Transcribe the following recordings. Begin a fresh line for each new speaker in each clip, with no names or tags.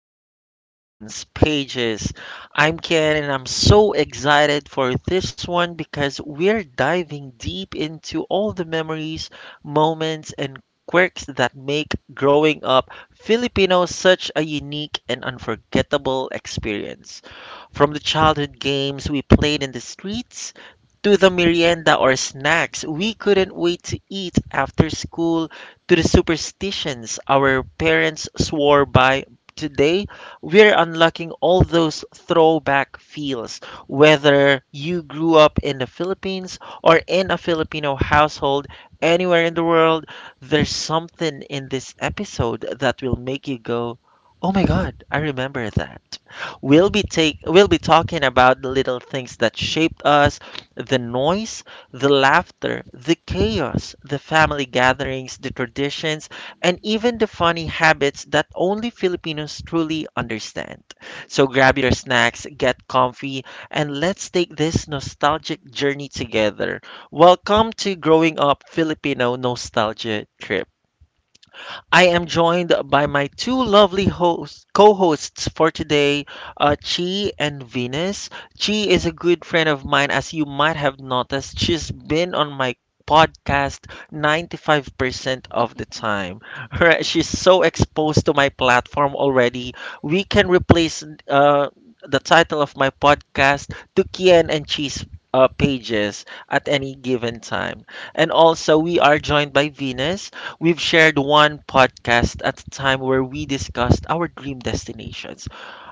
episode of Ken's Pages. I'm Ken and I'm so excited for this one because we're diving deep into all the memories, moments, and quirks that make growing up Filipino such a unique and unforgettable experience. From the childhood games we played in the streets, to the merienda or snacks we couldn't wait to eat after school, to the superstitions our parents swore by. Today, we're unlocking all those throwback feels. Whether you grew up in the Philippines or in a Filipino household, anywhere in the world, there's something in this episode that will make you go, "Oh my god, I remember that." We'll be
Mhm.
take we'll be talking about the little things that shaped us, the noise, the laughter, the chaos, the family gatherings, the traditions, and even the funny habits that only Filipinos truly understand. So grab your snacks, get comfy, and let's take this nostalgic journey together. Welcome to Growing Up Filipino Nostalgia Trip. I am joined by my two lovely hosts, co-hosts for today, Chi and Venus. Chi is a good friend of mine, as you might have noticed. She's been on my podcast 95% of the time. Right? She's so exposed to my platform already. We can replace uh, the title of my podcast to Kian and Chi's pages at any given time. And also, we are joined by Venus. We've shared one podcast at a time where we discussed our dream destinations.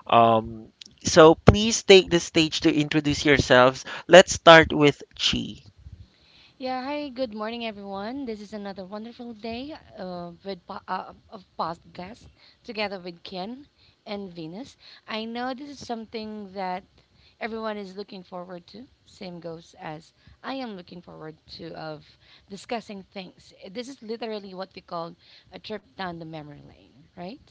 Um, so please take the stage to introduce yourselves. Let's start with Chi.
Yeah, hi, good morning, everyone. This is another wonderful day with of podcast together with Ken and Venus. I know this is something that everyone is looking forward to. Same goes as I am looking forward to of discussing things. This is literally what we call a trip down the memory lane, right?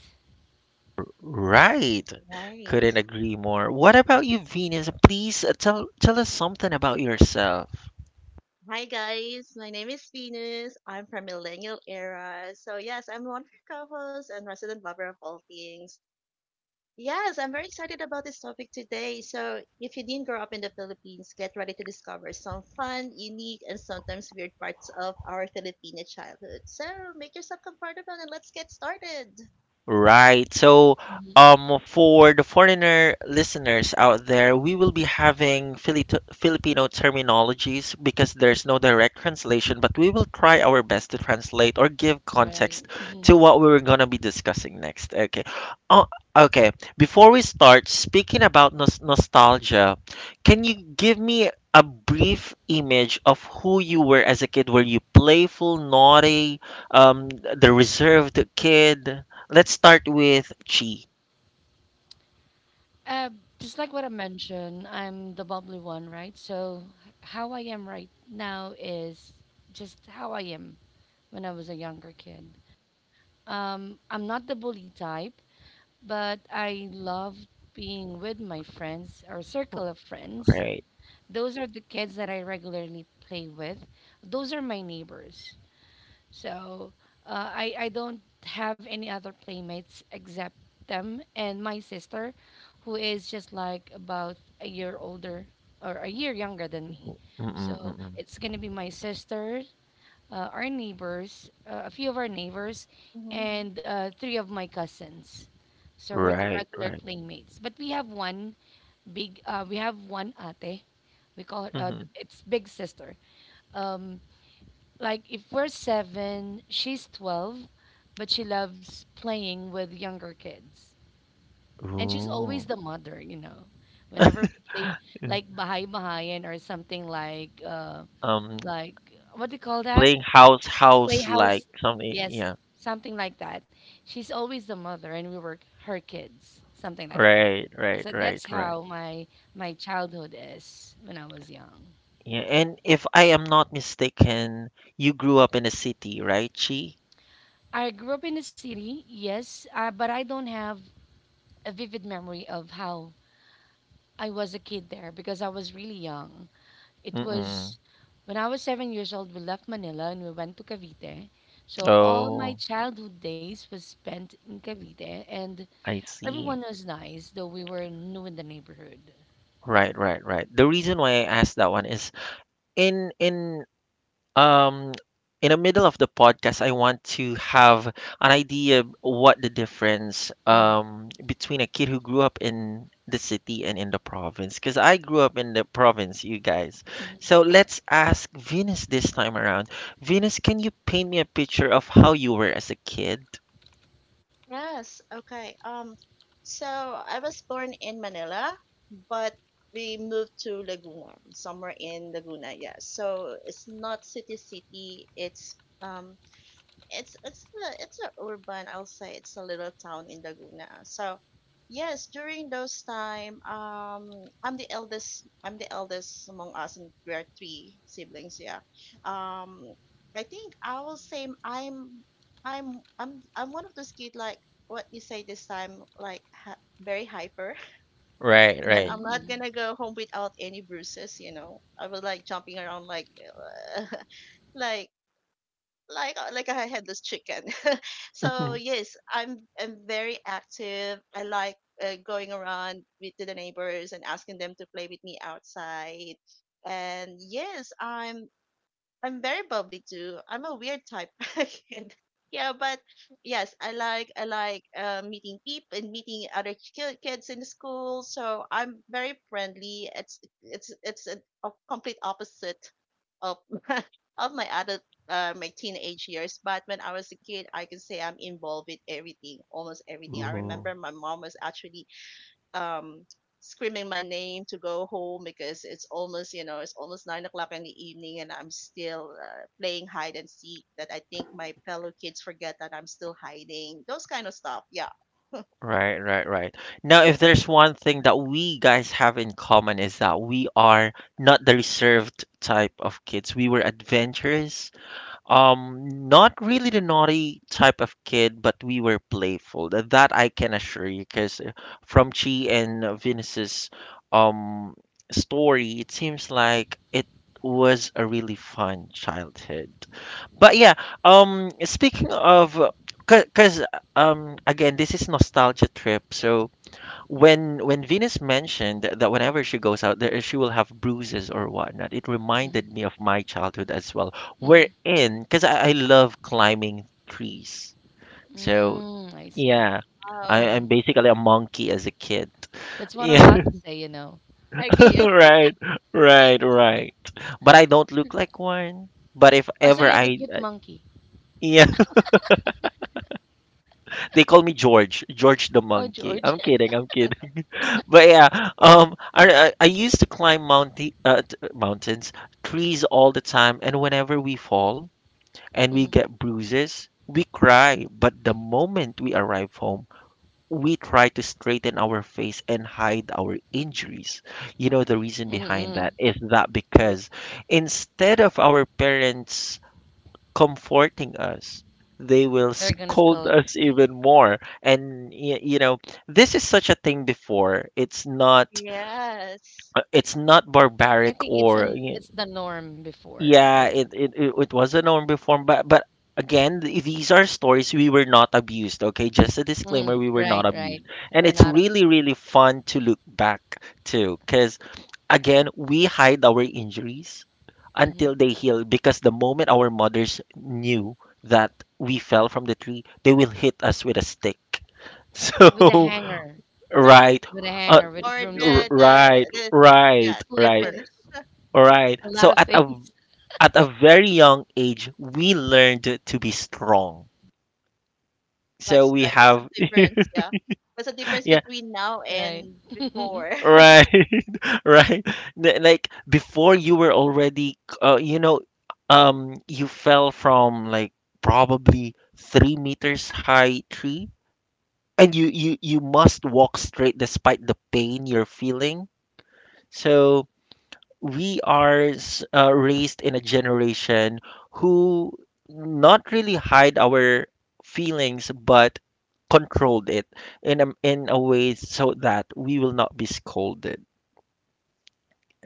Right.
Right.
Couldn't agree more. What about you, Venus? Please tell us something about yourself.
Hi guys, my name is Venus. I'm from Millennial Era. So yes, I'm one of your co-hosts and resident lover of all things. Yes, I'm very excited about this topic today. So if you didn't grow up in the Philippines, get ready to discover some fun, unique, and sometimes weird parts of our Filipino childhood. So make yourself comfortable and let's get started.
Right. So,
Mhm.
for the foreigner listeners out there, we will be having Filipino terminologies because there's no direct translation, but we will try our best to translate or give context
Right.
to what we are going to be discussing next. Okay. Oh, okay. Before we start speaking about nostalgia, can you give me a brief image of who you were as a kid? Were you playful, naughty, the reserved kid? Let's start with Chi,
Uh, just like what I mentioned, I'm the bubbly one, right? So how I am right now is just how I am when I was a younger kid. I'm not the bully type, but I love being with my friends or circle of friends.
right?
Those are the kids that I regularly play with. Those are my neighbors. So I don't have any other playmates except them and my sister, who is just like about a year older or a year younger than me.
Mm-mm,
So
mm-mm.
it's gonna be my sister, our neighbors, a few of our neighbors, and three of my cousins. So we're the
Right,
regular
right.
playmates. But we have one big. We have one ate. We call her.
Hmm.
It's big sister. Um, like if we're seven, she's 12, but she loves playing with younger kids. And she's always
Ooh.
the mother, you know. Whenever we play
Mm.
like Bahay Bahayan or something
Um,
like what do you call that?
playing house, house like
Playhouse.
something.
Yes,
Yeah.
something like that. She's always the mother, and we were her kids, something like that.
Right, right,
So
right,
that's
right.
how my childhood is when I was young.
Yeah. And if I am not mistaken, you grew up in a city, right, Chi?
I grew up in the city, yes, but I don't have a vivid memory of how I was a kid there because I was really young. It was
Mm-mm.
when I was 7 years old, we left Manila and we went to Cavite. So all my
Oh,
childhood days was spent in Cavite, and
I see.
everyone was nice, though we were new in the neighborhood.
Right, right, right. The reason why I asked that one is in um in the middle of the podcast, I want to have an idea of what the difference,
Mm,
between a kid who grew up in the city and in the province, because I grew up in the province, you guys. So let's ask Venus this time around. Venus, can you paint me a picture of how you were as a kid?
Yes, okay. So I was born in Manila, but we moved to Laguna, somewhere in Laguna, yes. So it's not city city, um it's a urban. I'll say it's a little town in Laguna. So yes, during those time, I'm the eldest among us, and we are three siblings. Yeah. Um, I think I will say I'm one of those kid like what you say this time like very hyper
Right,
that
right.
I'm not
mhm,
gonna go home without any bruises. You know, I was like jumping around like like like a headless chicken. So yes, I'm very active. I like going around with to the neighbors and asking them to play with me outside. And yes, I'm very bubbly too. I'm a weird type kid. Yeah, but yes, I like meeting people and meeting other kids in the school. So I'm very friendly. It's a complete opposite of of my teenage years. But when I was a kid, I can say I'm involved with everything, almost everything. I
Ooh.
remember my mom was actually um screaming my name to go home because it's almost 9 o'clock in the evening, and I'm still playing hide and seek. That I think my fellow kids forget that I'm still hiding. Those kind of stuff. Yeah.
Right, right, right. Now, if there's one thing that we guys have in common is that we are not the reserved type of kids. We were adventurous. Not really the naughty type of kid, but we were playful. That, that I can assure you, because from Chi and Venus's um story, it seems like it was a really fun childhood. But yeah, speaking of, because again, this is nostalgia trip. So when Venus mentioned that whenever she goes out there, she will have bruises or whatnot, it reminded me of my childhood as well.
mhm.
We're in because I love climbing trees. So
Mm, I see.
yeah,
Oh,
Mhm.
I'm basically a monkey as a kid.
That's what I'm about
Yeah,
to say, you know.
I agree, I agree.
right, right, right. But I don't look like one. But if
Or so
ever
you're the
I,
cute monkey.
yeah, they call me George, George the
Oh,
monkey.
George.
I'm kidding, I'm kidding. But yeah, I used to climb mountains, trees all the time, and whenever we fall and we
Mm,
get bruises, we cry. But the moment we arrive home, we try to straighten our face and hide our injuries. You know the reason
mm, mm.
behind that is that
Ye-
because instead of our parents comforting us, they will
They're gonna
scold
scold
us
you.
even more. And you know, this is such a thing before.
Yes.
It's not
I think
barbaric
it's an
or
it's the norm before, right?
yeah, it was a norm before, but again, these are stories, we were not abused, okay? Just a
Mm,
disclaimer, we were
right,
not
right.
abused.
Or
And it's
not.
really really fun to look back to, cuz again, we hide our injuries
Hmm.
until they heal because the moment our mothers knew that we fell from the tree, they will hit us with a stick.
With a
So,
hanger,
right,
with a
uh,
hanger, with a
Or the
broomstick,
the
right,
the
and
right,
yeah
right,
seven.
slippers,
right.
a lot
So
of things.
at a very young age, we learned to be strong. So
That's true.
we
I think
have,
some difference, yeah. What's the difference
yeah,
between now
Right.
and before?
right. Right? Like before you were already, you know, you fell from like probably 3 meters high tree, and you must walk straight despite the pain you're feeling. So we are raised in a generation who not really hide our feelings, but controlled it in a way so that we will not be scolded.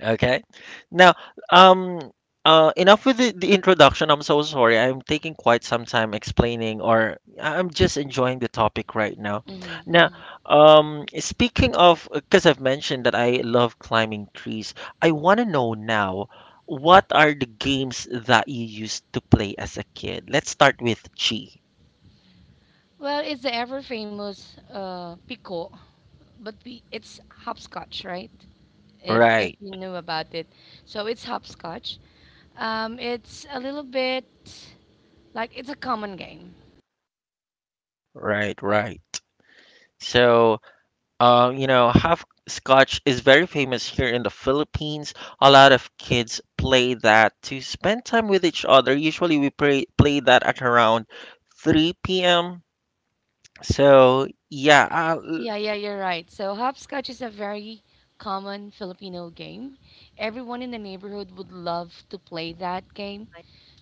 Okay. Now, um, enough with the introduction. I'm so sorry. I'm taking quite some time explaining, or am just enjoying the topic right now.
Mhm.
Now, speaking of, because I've mentioned that I love climbing trees, I want to know now, what are the games that you used to play as a kid? Let's start with Chi.
Well, it's the ever famous pico, but we, it's hopscotch, right? If
Right,
you knew about it, so it's hopscotch. It's a little bit like it's a common game.
right, right. So, uh, you know, half scotch is very famous here in the Philippines. A lot of kids play that to spend time with each other. Usually we play that at around 3 p.m. So, yeah, l-
Yeah, yeah, you're right. So hopscotch is a very common Filipino game. Everyone in the neighborhood would love to play that game.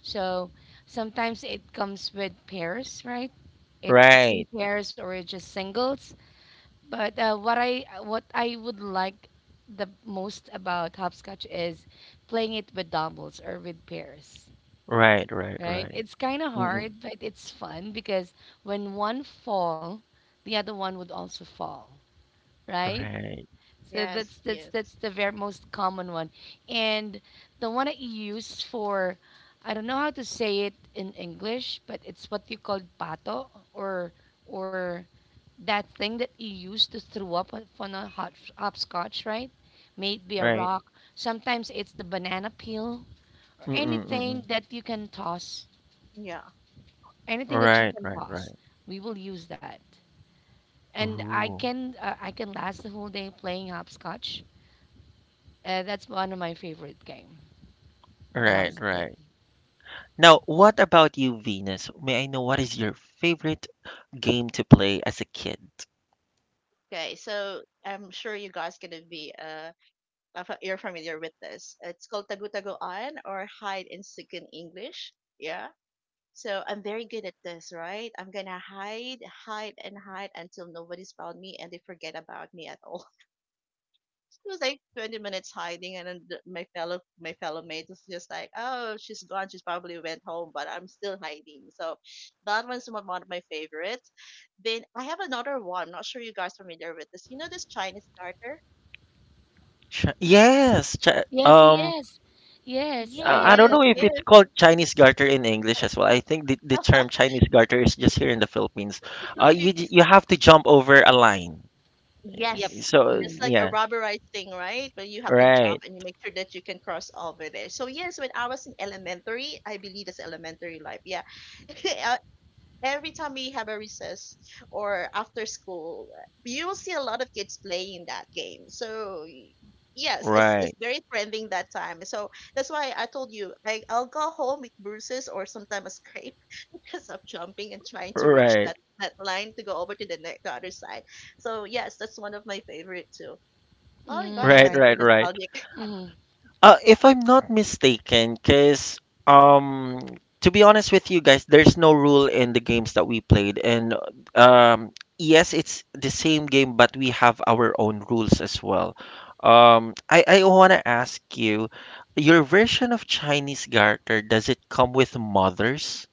So sometimes it comes with pairs, right? It's in
right,
pairs or it's just singles. But what I would like the most about hopscotch is playing it with doubles or with pairs,
right, right,
right?
right.
It's kind of
Mm-mm,
hard, but it's fun because when one fall, the other one would also fall, right?
right,
So that's
Yes,
that's that's
yes.
the very most common one, and the one that you use for, I don't know how to say it in English, but it's what you call pato or or that thing that you use to throw up on a hot hopscotch, right? May it be a
right.
rock. Sometimes it's the banana peel or
Mm-mm,
anything
mm-mm.
that you can toss,
Yeah.
anything that you
Right,
can
right,
toss.
right.
We will use that, and I
Ooh.
can uh, I can last the whole day playing hopscotch. That's one of my favorite game when I
Right,
was a kid.
right. Now, what about you, Venus? May I know what is your favorite game to play as a kid?
Okay, so I'm sure you guys gonna be you're familiar with this. It's called tagutagoan or hide and seek in English. Yeah. So I'm very good at this, right? I'm gonna hide, hide, and hide until nobody's found me and they forget about me at all. It was like 20 minutes hiding, and then my fellow mate was just like, "Oh, she's gone, she's probably went home," but I'm still hiding. So that one's one of my favorites. Then I have another one. I'm not sure you guys are familiar with this. You know this Chinese garter?
Chi, yes, chi,
Yes, yes, yes. I
I
love
don't
Yes,
that
know if
one.
it's
yes.
called Chinese garter in English as well. I think the term Chinese garter is just here in the Philippines.
Yes.
You have to jump over a line.
Yep.
Yes,
So
Mm.
it's like a
yeah,
rubberized thing, right? But you have to jump,
right,
and you make sure that you can cross over there. So yes, when I was in elementary, I believe that's elementary life. Yeah. I Every time we have a recess or after school, you will see a lot of kids playing that game. So yes, it's
right,
very trending that time. So that's why I told you, like I'll go home with bruises or sometimes a scrape because I'm jumping and trying to reach
right,
that line to go over to the other side. So yes, that's one of my favorite too. Oh my gosh,
Mm,
this
right,
is
right.
very
right, right.
nostalgic.
Mm.
If I'm not mistaken, because um, to be honest with you guys, there's no rule in the games that we played, and um, yes, it's the same game, but we have our own rules as well. I want to ask you, your version of Chinese garter, does it come with mothers?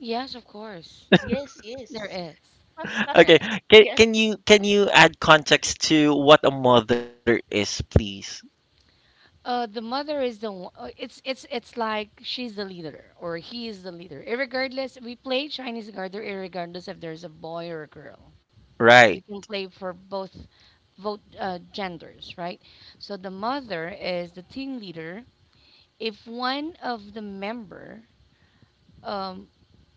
Yes, of course.
Yes,
There
yes,
is. There
Okay,
is.
yes,
can you add context to what a mother is, please?
The mother is the one. It's like she's the leader or he is the leader. Irregardless, we play Chinese garter. Irregardless if there's a boy or a girl, we
Right.
can play for both genders, right? So the mother is the team leader. If one of the member um,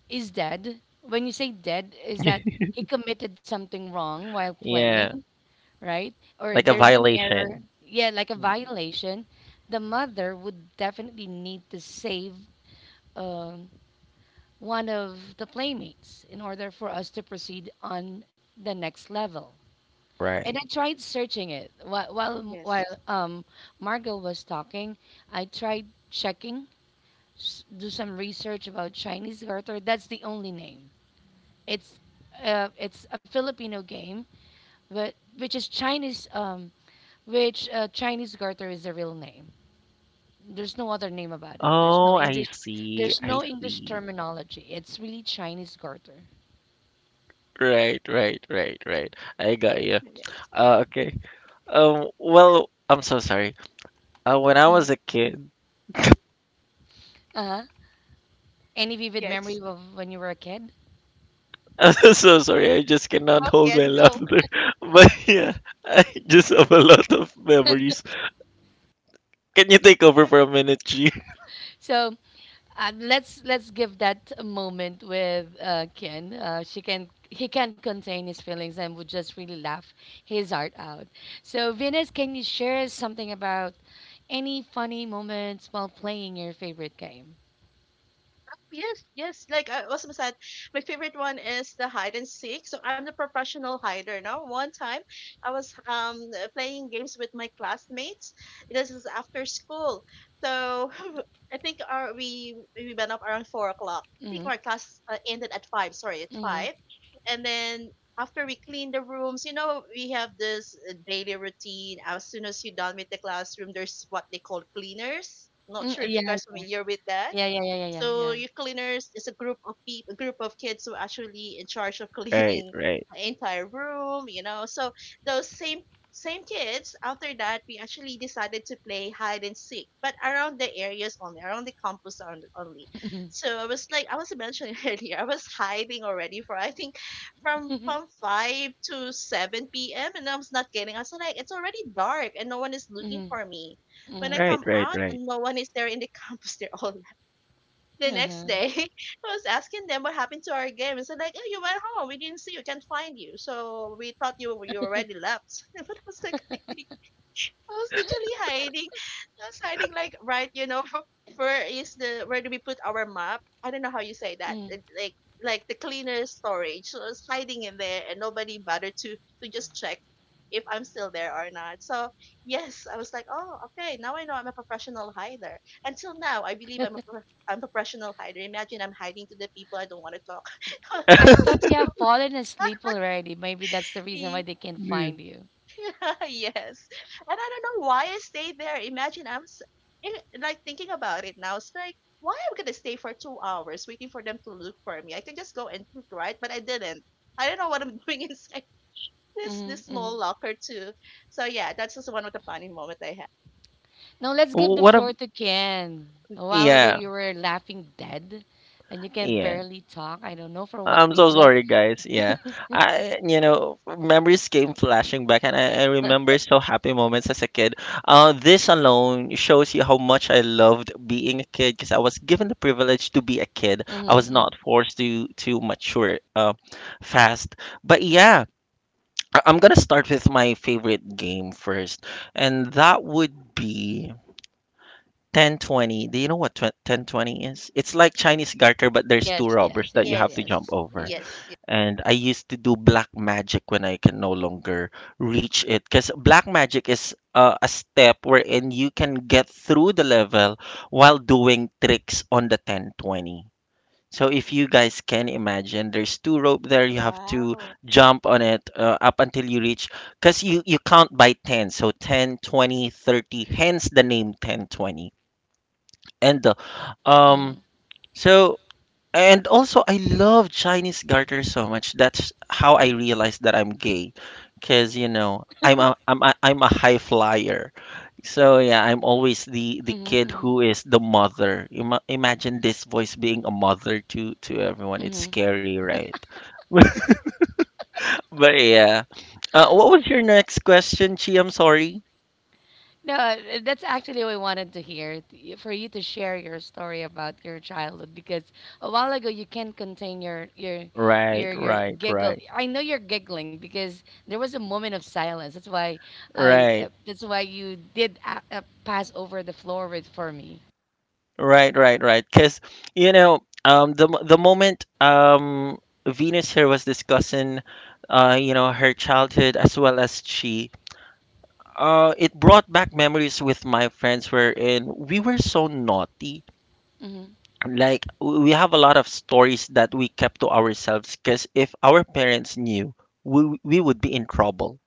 is dead. When you say dead, is that he committed something wrong while
Yeah,
playing, right? Or
like a
there's an error,
violation.
yeah, like a violation. The mother would definitely need to save um, one of the playmates in order for us to proceed on the next level. And I
Right.
tried searching it while while,
yes,
while um, Margot was talking. I tried checking, do some research about Chinese garter. That's the only name It's it's a Filipino game, but which is Chinese, which Chinese garter is the real name. There's no other name about it. There's no
Oh, I
English.
see.
There's
I
no English
see.
terminology. It's really Chinese garter.
Right, right, right, right. I got you.
yes.
Okay. Well, I'm so sorry. When I
Mm.
was a kid,
Uh huh. Any vivid memory
Yes.
of when you were a kid?
I'm so sorry. I just cannot
Go,
hold my
Ken, go.
laughter. But yeah, I just have a lot of memories. Can you take over for a minute, G?
So let's give that a moment with Ken. She can he can't contain his feelings and would just really laugh his heart out. So Venus, can you share something about Any funny moments while playing your favorite game?
Yes, yes. Like I was said, my favorite one is the hide and seek. So I'm the professional hider now. One time, I was playing games with my classmates. This is after school, so I think our we went up around 4 o'clock. I think
Mm-hmm.
our class ended at five. Sorry, at
Mm-hmm.
five, and then. After we clean the rooms, you know, we have this daily routine. As soon as you're done with the classroom, there's what they call cleaners. Not
Mm,
sure if
yeah,
you guys familiar with that.
yeah, yeah, yeah, yeah, yeah,
So
yeah.
your cleaners is a group of people, a group of kids who are actually in charge of
Right,
cleaning
right,
the entire room, you know. So those same kids. After that, we actually decided to play hide and seek, but around the areas only, around the campus only. So I was like, I was mentioning earlier, I was hiding already for I think from
Mm-hmm.
from 5 to 7 p.m., and I was not getting. I was like, it's already dark and no one is looking for me. When I
Hmm.
right,
come
right,
out
right.
and no one is there in the campus, they're all. The next
Uh-huh.
day, I was asking them what happened to our game. And said like, "Oh, you went home. We didn't see you. Can't find you. So we thought you already left." But I was like, I think I was literally hiding. I was hiding like, right, you know, where is the where do we put our map? I don't know how you say that.
Mm.
Like the cleaner storage. So I was hiding in there, and nobody bothered to just check if I'm still there or not. So yes, I was like, "Oh okay, now I know I'm a professional hider. Until now, I believe I'm a I'm a professional hider." Imagine I'm hiding to the people I don't want to talk.
I thought you
So
have fallen asleep already. Maybe that's the reason why they can't
Hmm.
find you.
yes. And I don't know why I stayed there. Imagine I'm like thinking about it now. It's like, why am I going to stay for 2 hours waiting for them to look for me? I can just go and think, right? But I didn't. I don't know what I'm doing inside this
Mm-hmm.
small locker too. So yeah, that's just one of the funny moments I had.
Now let's give the
What a
floor to Ken. A while ago,
yeah,
you were laughing dead, and you can
yeah.
barely talk. I don't know for what
I'm so
reason.
sorry, guys. Yeah, I you know memories came flashing back, and I remember so happy moments as a kid. This alone shows you how much I loved being a kid because I was given the privilege to be a kid. I was
Mm-hmm.
not forced to mature fast. But yeah, I'm gonna start with my favorite game first, and that would be 1020. Do you know what 1020 is? It's like Chinese garter, but there's two
Yes,
robbers
yes,
that you
yes,
have
Yes,
to jump
yes,
over.
yes,
yes.
yes.
And I used to do black magic when I can no longer reach it. Because black magic is a step wherein you can get through the level while doing tricks on the 1020. So if you guys can imagine, there's two rope there. You have to
Wow.
jump on it up until you reach. Because you count by 10. So 10, 20, 30. Hence the name 1020. And um, so and also, I love Chinese garter so much. That's how I realized that I'm gay, because you know I'm a high flyer. So yeah, I'm always the kid
Mm-hmm.
who is the mother. Imagine this voice being a mother to everyone. It's
Hmm.
scary, right? But yeah, what was your next question, Chi? I'm sorry.
No, that's actually what I wanted to hear for you to share your story about your childhood because a while ago you can't contain your your
Right,
your your
right,
giggle.
right,
I know you're giggling because there was a moment of silence. That's why I
right.
that's why you did pass over the floor with for me.
Right, right, right. Because you know, the moment Venus here was discussing, you know, her childhood as well as she, it brought back memories with my friends wherein we were so naughty. Like we have a lot of stories that we kept to ourselves because if our parents knew, we would be in trouble.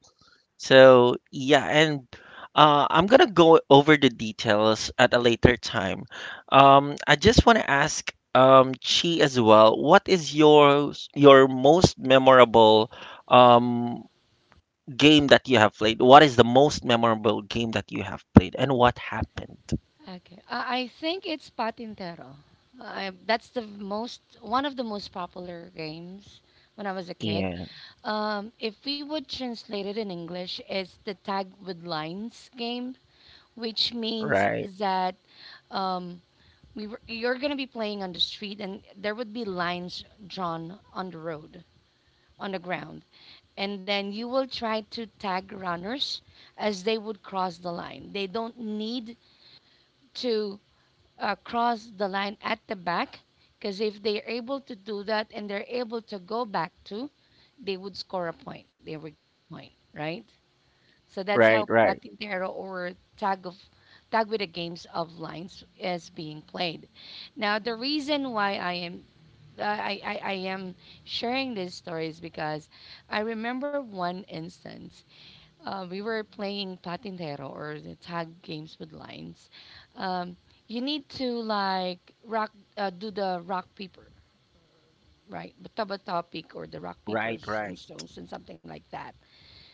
So yeah, and I'm gonna go over the details at a later time. I just want to ask, Chi as well. What is your most memorable um, game that you have played? What is the most memorable game that you have played, and what happened?
Okay. I think it's Patintero. I, that's the most one of the most popular games when I was a kid.
Yeah.
If we would translate it in English, it's the tag with lines game, which means
Right.
that um, we were, you're going to be playing on the street and there would be lines drawn on the road, on the ground. And then you will try to tag runners as they would cross the line. They don't need to cross the line at the back because if they're able to do that and they're able to go back to, they would score a point. They would point, right? So that's
Right.
how
Right.
patintero or tag of tag with the games of lines is being played. Now the reason why I am sharing this story is because I remember one instance we were playing patintero or the tag games with lines. Um, you need to like rock, do the rock paper, right? Bataba topic or the rock
Right.
papers and
Right.
stones and something like that.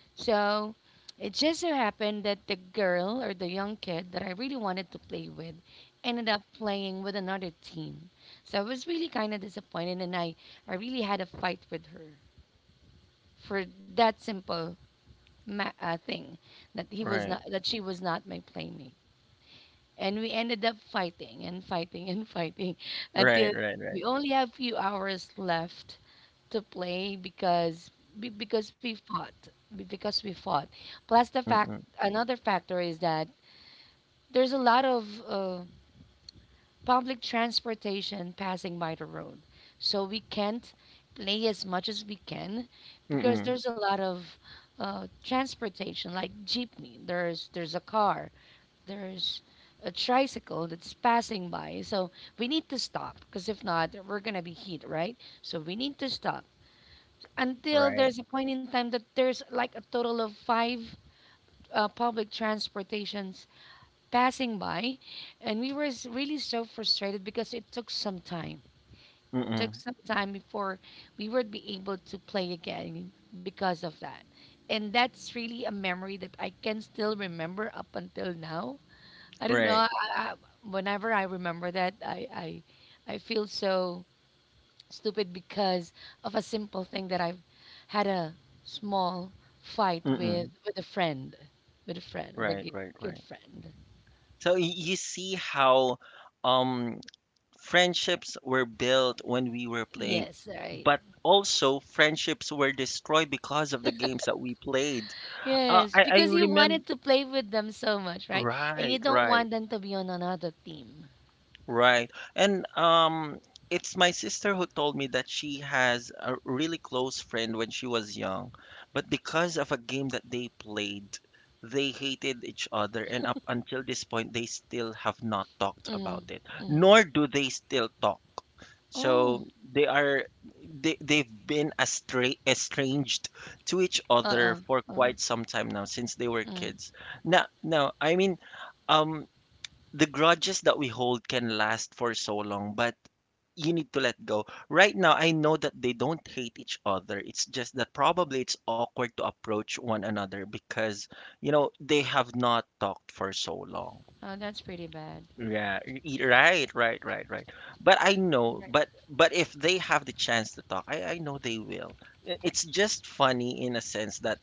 So it just so happened that the girl or the young kid that I really wanted to play with ended up playing with another team. So I was really kind of disappointed, and I really had a fight with her for that simple thing that he was
Right.
not that she was not my playmate and we ended up fighting and fighting and fighting
Right.
until
Right. Right.
we only have few hours left to play because be- because we fought because we fought plus the fact
Mm-mm.
another factor is that there's a lot of public transportation passing by the road. So we can't play as much as we can because
Mm-mm.
there's a lot of transportation like jeepney. There's a car. There's a tricycle that's passing by. So we need to stop because if not, we're gonna be hit, right? So we need to stop until
Right.
there's a point in time that there's like a total of five public transportations passing by and we were really so frustrated because it took
Mm-mm.
some time before we would be able to play again because of that. And that's really a memory that I can still remember up until now. I don't know.
Right.
I, whenever I remember that, I feel so stupid because of a simple thing that I've had a small fight
Mm-mm.
with a friend, with a friend, with a
Right.
gi-
Right.
kid
Right.
friend.
So you see how um friendships were built when we were playing,
Yes, right.
but also friendships were destroyed because of the games that we played.
Yes,
I
because you
remember
wanted to play with them so much, right? And you
right,
don't
right.
want them to be on another team.
Right. And it's my sister who told me that she has a really close friend when she was young, but because of a game that they played, they hated each other and up until this point they still have not talked
Mm-hmm.
about it.
Mm-hmm.
Nor do they still talk.
Oh,
So they are they've estranged to each
uh-uh.
other for
Uh,
quite some time now since they were
mm.
kids. Now I mean um the grudges that we hold can last for so long, but you need to let go. Right now, I know that they don't hate each other. It's just that probably it's awkward to approach one another because, you know, they have not talked for so long.
Oh, that's pretty bad.
Yeah, right, right, right, right. But I know,
Right.
but if they have the chance to talk, I know they will. It's just funny in a sense that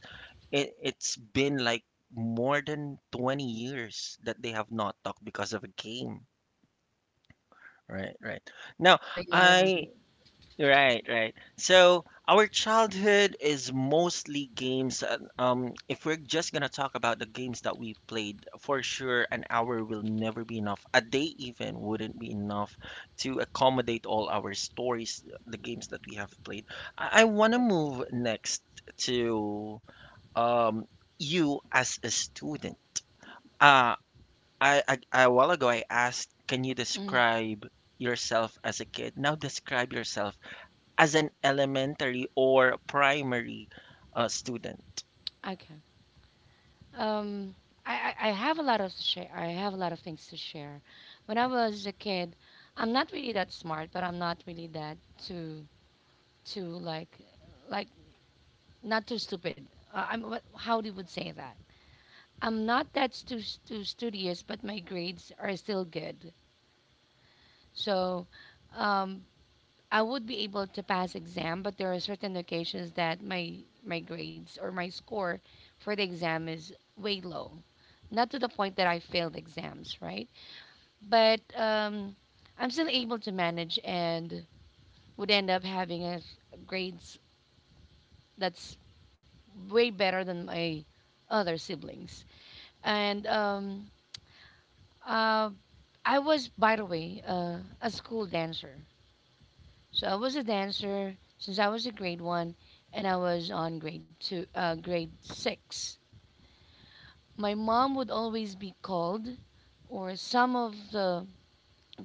it's been like more than 20 years that they have not talked because of a game. Right, right. Now,
Yeah, yeah, yeah. I remember.
I right, right. So our childhood is mostly games. If we're just gonna talk about the games that we played, for sure, an hour will never be enough. A day even wouldn't be enough to accommodate all our stories, the games that we have played. I wanna
Yes.
move next to um you as a student. Uh, I a while ago I asked, can you
Mm.
describe yourself as a kid? Now describe yourself as an elementary or primary student.
Okay. Um, I have a lot of share. I have a lot of things to share. When I was a kid, I'm not really that smart, but I'm not really that too like not too stupid. I'm what, how do you would say that? I'm not that studious, but my grades are still good. So um, I would be able to pass exam, but there are certain occasions that my grades or my score for the exam is way low. Not to the point that I failed exams, right? But I'm still able to manage and would end up having a grades that's way better than my other siblings. And Uh, I was, by the way, a school dancer. So I was a dancer since I was a grade one, and I was on grade six. My mom would always be called, or some of the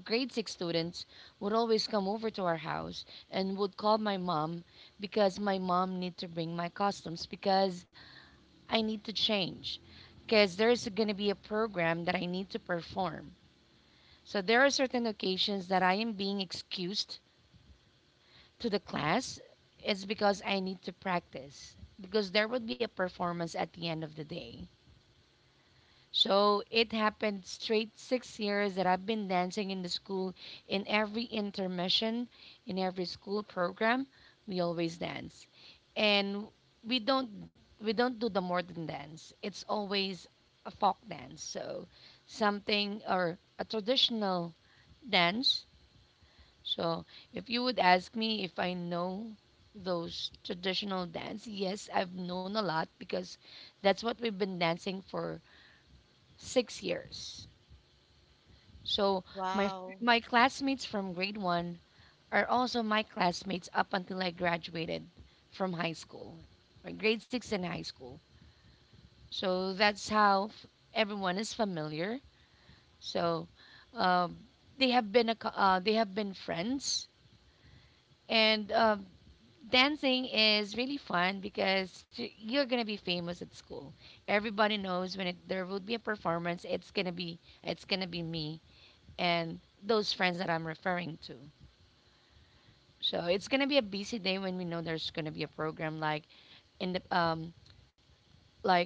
grade six students would always come over to our house and would call my mom because my mom need to bring my costumes because I need to change because there's going to be a program that I need to perform. So there are certain occasions that I am being excused to the class, it's because I need to practice because there would be a performance at the end of the day. So it happened straight 6 years that I've been dancing in the school. In every intermission, in every school program, we always dance, and we don't we don't do the modern dance. It's always a folk dance. So something or a traditional dance. So, if you would ask me if I know those traditional dance, yes, I've known a lot because that's what we've been dancing for 6 years. So, my
Wow.
my classmates from grade one are also my classmates up until I graduated from high school, or grade six in high school. So that's how everyone is familiar. So um, they have been friends, and dancing is really fun because you're gonna be famous at school. Everybody knows there will be a performance, it's gonna be me and those friends that I'm referring to. So it's gonna be a busy day when we know there's gonna be a program like in the like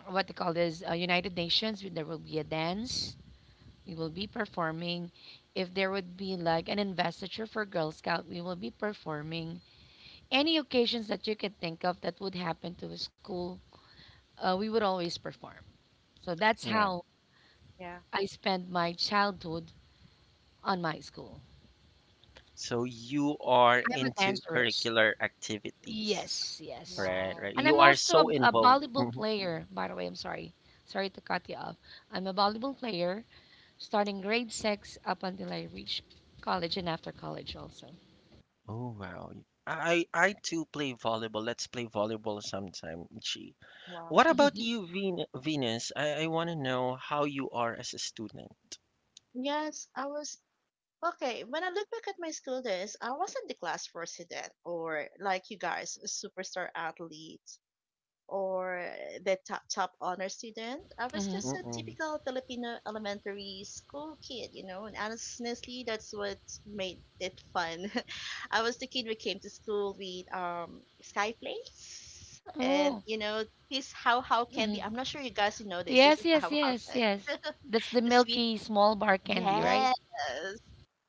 what they call this United Nations. There will be a dance. We will be performing. If there would be like an investiture for Girl Scout, we will be performing any occasions that you can think of that would happen to a school, we would always perform. So that's
Yeah.
how
Yeah.
I spent my childhood on my school.
So you are
I'm a
into
dancerist.
curricular activities,
Yes, yes.
right? Right.
Wow.
And
You
I'm
are
also a,
so
a
involved.
volleyball
Mhm.
player, by the way. I'm sorry. Sorry to cut you off. I'm a volleyball player starting grade six up until I reach college and after college also.
Oh wow. I too play volleyball. Let's play volleyball sometime. Gee.
Wow.
What about you, Venus? I want to know how you are as a student.
Yes, I was Okay, when I look back at my school days, I wasn't the class president or like you guys, a superstar athlete or the top top honor student. I was
Hmm.
just a typical Filipino elementary school kid, you know, and honestly, that's what made it fun. I was the kid who came to school with sky plates,
Oh.
and you know this how candy.
Hmm,
I'm not sure you guys know this. This
yes,
is
yes,
how
yes, yes. That's the
the sweet.
milky small bar candy, right?
Yes.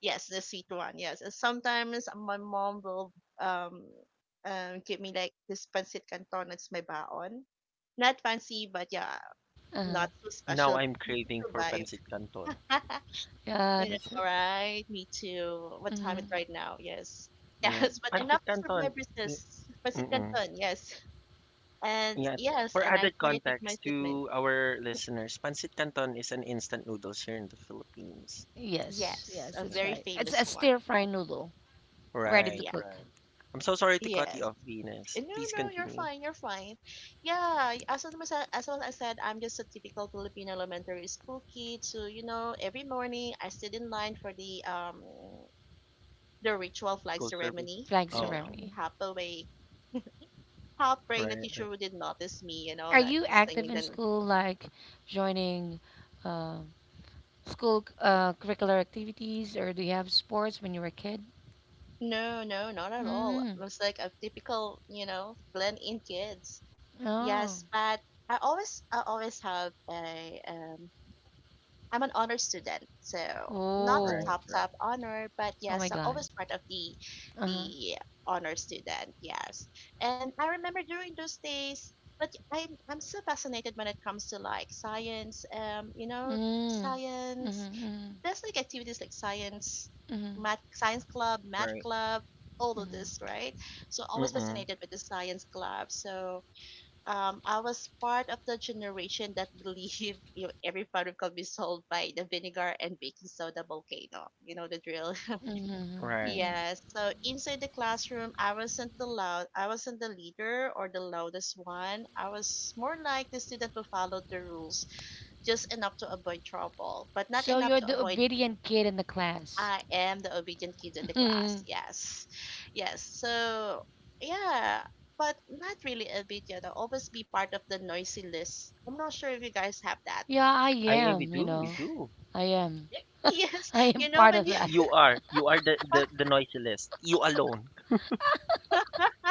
Yes, the sweet one. Yes. And sometimes my mom will um give me like this pancit canton as my baon. Not fancy, but yeah,
Uh-huh.
not so
Now
special, but
I'm
enough to
craving for
survive.
pancit canton.
Yeah,
You
that's
know,
her.
right? Me too. What time
Mm-hmm.
is right now? Yes.
Yeah,
Yes, but enough
pancit
to
canton.
survive
y-
resist. Pancit
Mm-mm.
canton, yes. And
Yeah,
yes,
for
and I
added
share it with my
context
statement.
to our listeners, pancit canton is an instant noodles here in the Philippines.
Yes,
Yes,
yes,
a
Yeah.
that's
very
right. It's
famous
a
one.
stir fry noodle, ready to
Right,
Yeah.
cook,
right. I'm so sorry to cut you
Yes.
off, Venus.
No,
Please
no, you're
continue.
fine. You're fine. Yeah, as what I said, I'm just a typical Filipino elementary school kid. So you know, every morning I stood in line for the ritual flag
School service.
ceremony.
flag
You
Oh,
know,
ceremony.
half awake, half praying the teacher
right,
wouldn't notice me. You know,
Are
not
you
was
active
singing.
in
Then
school, like joining uh, school curricular activities, or do you have sports when you were a kid?
no, no, not at all.
Mm.
I was like a typical, you know, blend in kids.
Oh.
Yes, but I always have a, I'm an honor student, so not the
Oh.
right,
top
right,
top honor, but
Oh
yes,
my
so,
God.
always part of the
Uh huh.
the honor student. Yes, and I remember during those days. But I'm so fascinated when it comes to like science. You know,
Mm.
science.
Mm-hmm,
There's like activities like science,
mm-hmm,
math, science club, math
right.
club, all of this,
mm-hmm,
right? So always
Mm-mm.
fascinated with the science club. So I was part of the generation that believed you know, every problem could be solved by the vinegar and baking soda volcano. You know the drill.
mm-hmm, mm-hmm.
Right.
Mm-hmm.
Yes. So inside the classroom, I wasn't the loud. I wasn't the leader or the loudest one. I was more like the student who followed the rules, just enough to avoid trouble, but not
So
enough
you're
to
the
avoid.
obedient kid in the class.
I am the obedient kid in the
Yeah,
class. Yes. Yes. So, yeah, but not really obedient. I'll always be part of the noisy list. I'm not sure if you guys have that.
I
I we
am. You
do, we
know.
do.
I am.
Yes,
I am
you know
part
when
of
you
that.
You are the the noisy list. You alone.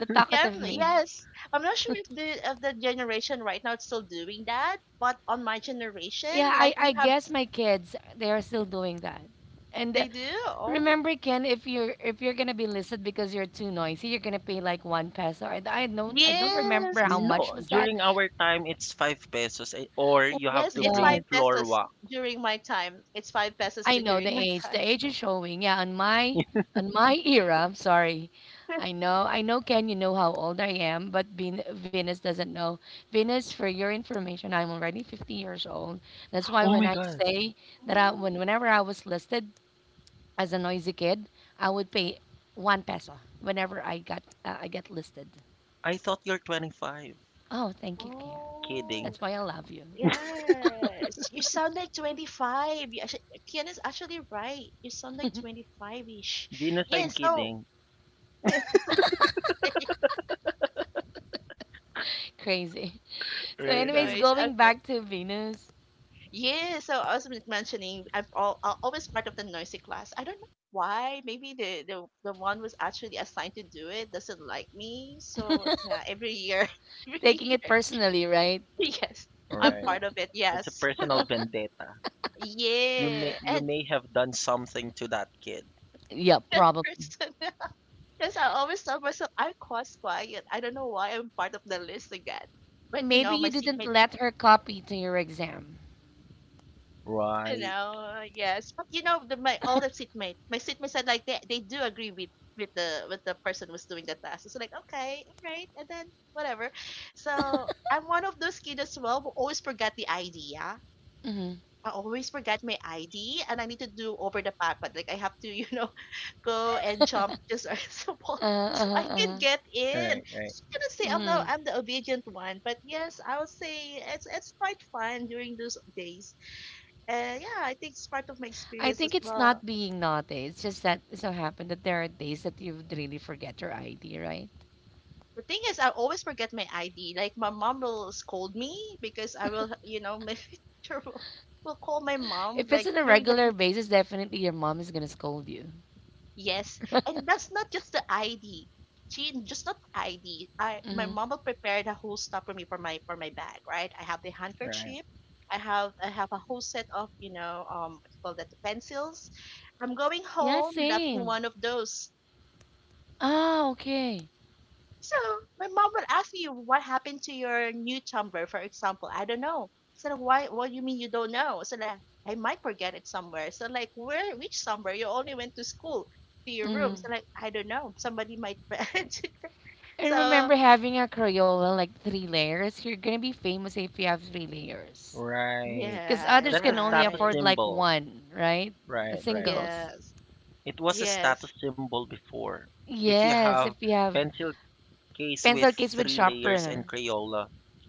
The
Yeah,
talkative me.
yes. I'm not sure if the generation right now it's still doing that, but on my generation,
Yeah,
like
I
we have
guess my kids they are still doing that. And
they do. Oh.
remember, Ken, if you're gonna be listed because you're too noisy, you're gonna pay like 1 peso. I don't remember how
Yes.
much
No,
was that.
during our time it's 5 pesos eh, or
Oh
you have
Yes,
to
it's
bring
my.
5
floor
pesos
wax.
during my time. It's 5 pesos
I
to
know the
during my
age.
time.
The age is showing. Yeah, on my on my era, I'm sorry. I know I know Ken, you know how old I am, but Venus doesn't know. Venus, for your information, I'm already 50 years old. That's why
Oh
when
my
I
god.
say that I,
Oh.
when whenever I was listed as a noisy kid, I would pay 1 peso whenever I get listed.
I thought you're 25.
Oh, thank you, Ken.
Kidding.
That's
Oh,
why I love you.
yes. You sound like 25. You Kiana's actually right. You sound like 25-ish.
Venus, I'm
Yes, so
kidding.
Crazy. So
Hi
Right,
anyways,
right.
guys.
going
Okay.
back to Venus,
Yeah, so I was mentioning I always part of the noisy class. I don't know why. Maybe the one was actually assigned to do it doesn't like me. So yeah, every year, every
taking it
year,
personally, right?
yes, I'm
Right.
part of it.
It's a
Yes,
personal vendetta.
yeah,
You
and
may have done something to that kid.
Yeah.
that person. Because I always tell myself I'm quite quiet. I don't know why I'm part of the list again. But
Maybe you
my
didn't
seatmate,
let her copy to your exam.
Right.
yes. But you know, the, my all the seatmate, my seatmate said like they do agree with the person who's doing the task. It's like okay, all right, and then whatever. So I'm one of those kids as well who always forgot the idea.
Mm-hmm.
I always forget my ID and I need to do over the park, but like I have to, go and jump just as a wall
Uh,
so
uh,
I can
uh,
get in.
Right, right,
So I'm gonna say I'm no
mm.
I'm the obedient one, but yes, I'll say it's quite fun during those days. Yeah, I think it's part of my
I
experience as
think it's
well.
not being naughty. It's just that it so happened that there are days that you would really forget your ID, right?
The thing is, I always forget my ID. Like my mom will scold me because I will, my teacher will call my mom
If it's
like
on a
during the...
regular basis, definitely your mom is gonna scold you.
Yes, and that's not just the ID. She just not ID. I My
Hmm.
mom will prepare the whole stuff for me for my bag. Right, I have the
right.
handkerchief. I have a whole set of what you call that, the pencils. I'm going
Yeah,
home lacking
same.
one of those.
Ah, okay.
So my mom would ask me, what happened to your new tumbler, for example? I don't know. So like, why? What do you mean you don't know? So like, I might forget it somewhere. So like, where? Which somewhere? You only went to school to your room.
Hmm.
So like, I don't know. Somebody might.
And
So
remember having a Crayola like three layers. You're gonna be famous if you have three layers,
Right.
because
yeah,
others
That's a
can only
status
right.
afford like
symbol.
one, right?
Right,
The
right.
singles.
Yes,
It was a status
yes,
symbol before. If you
Yes,
have
if you have
pencil case with three
pencil case
layers
with
and
sharpener,
Crayola,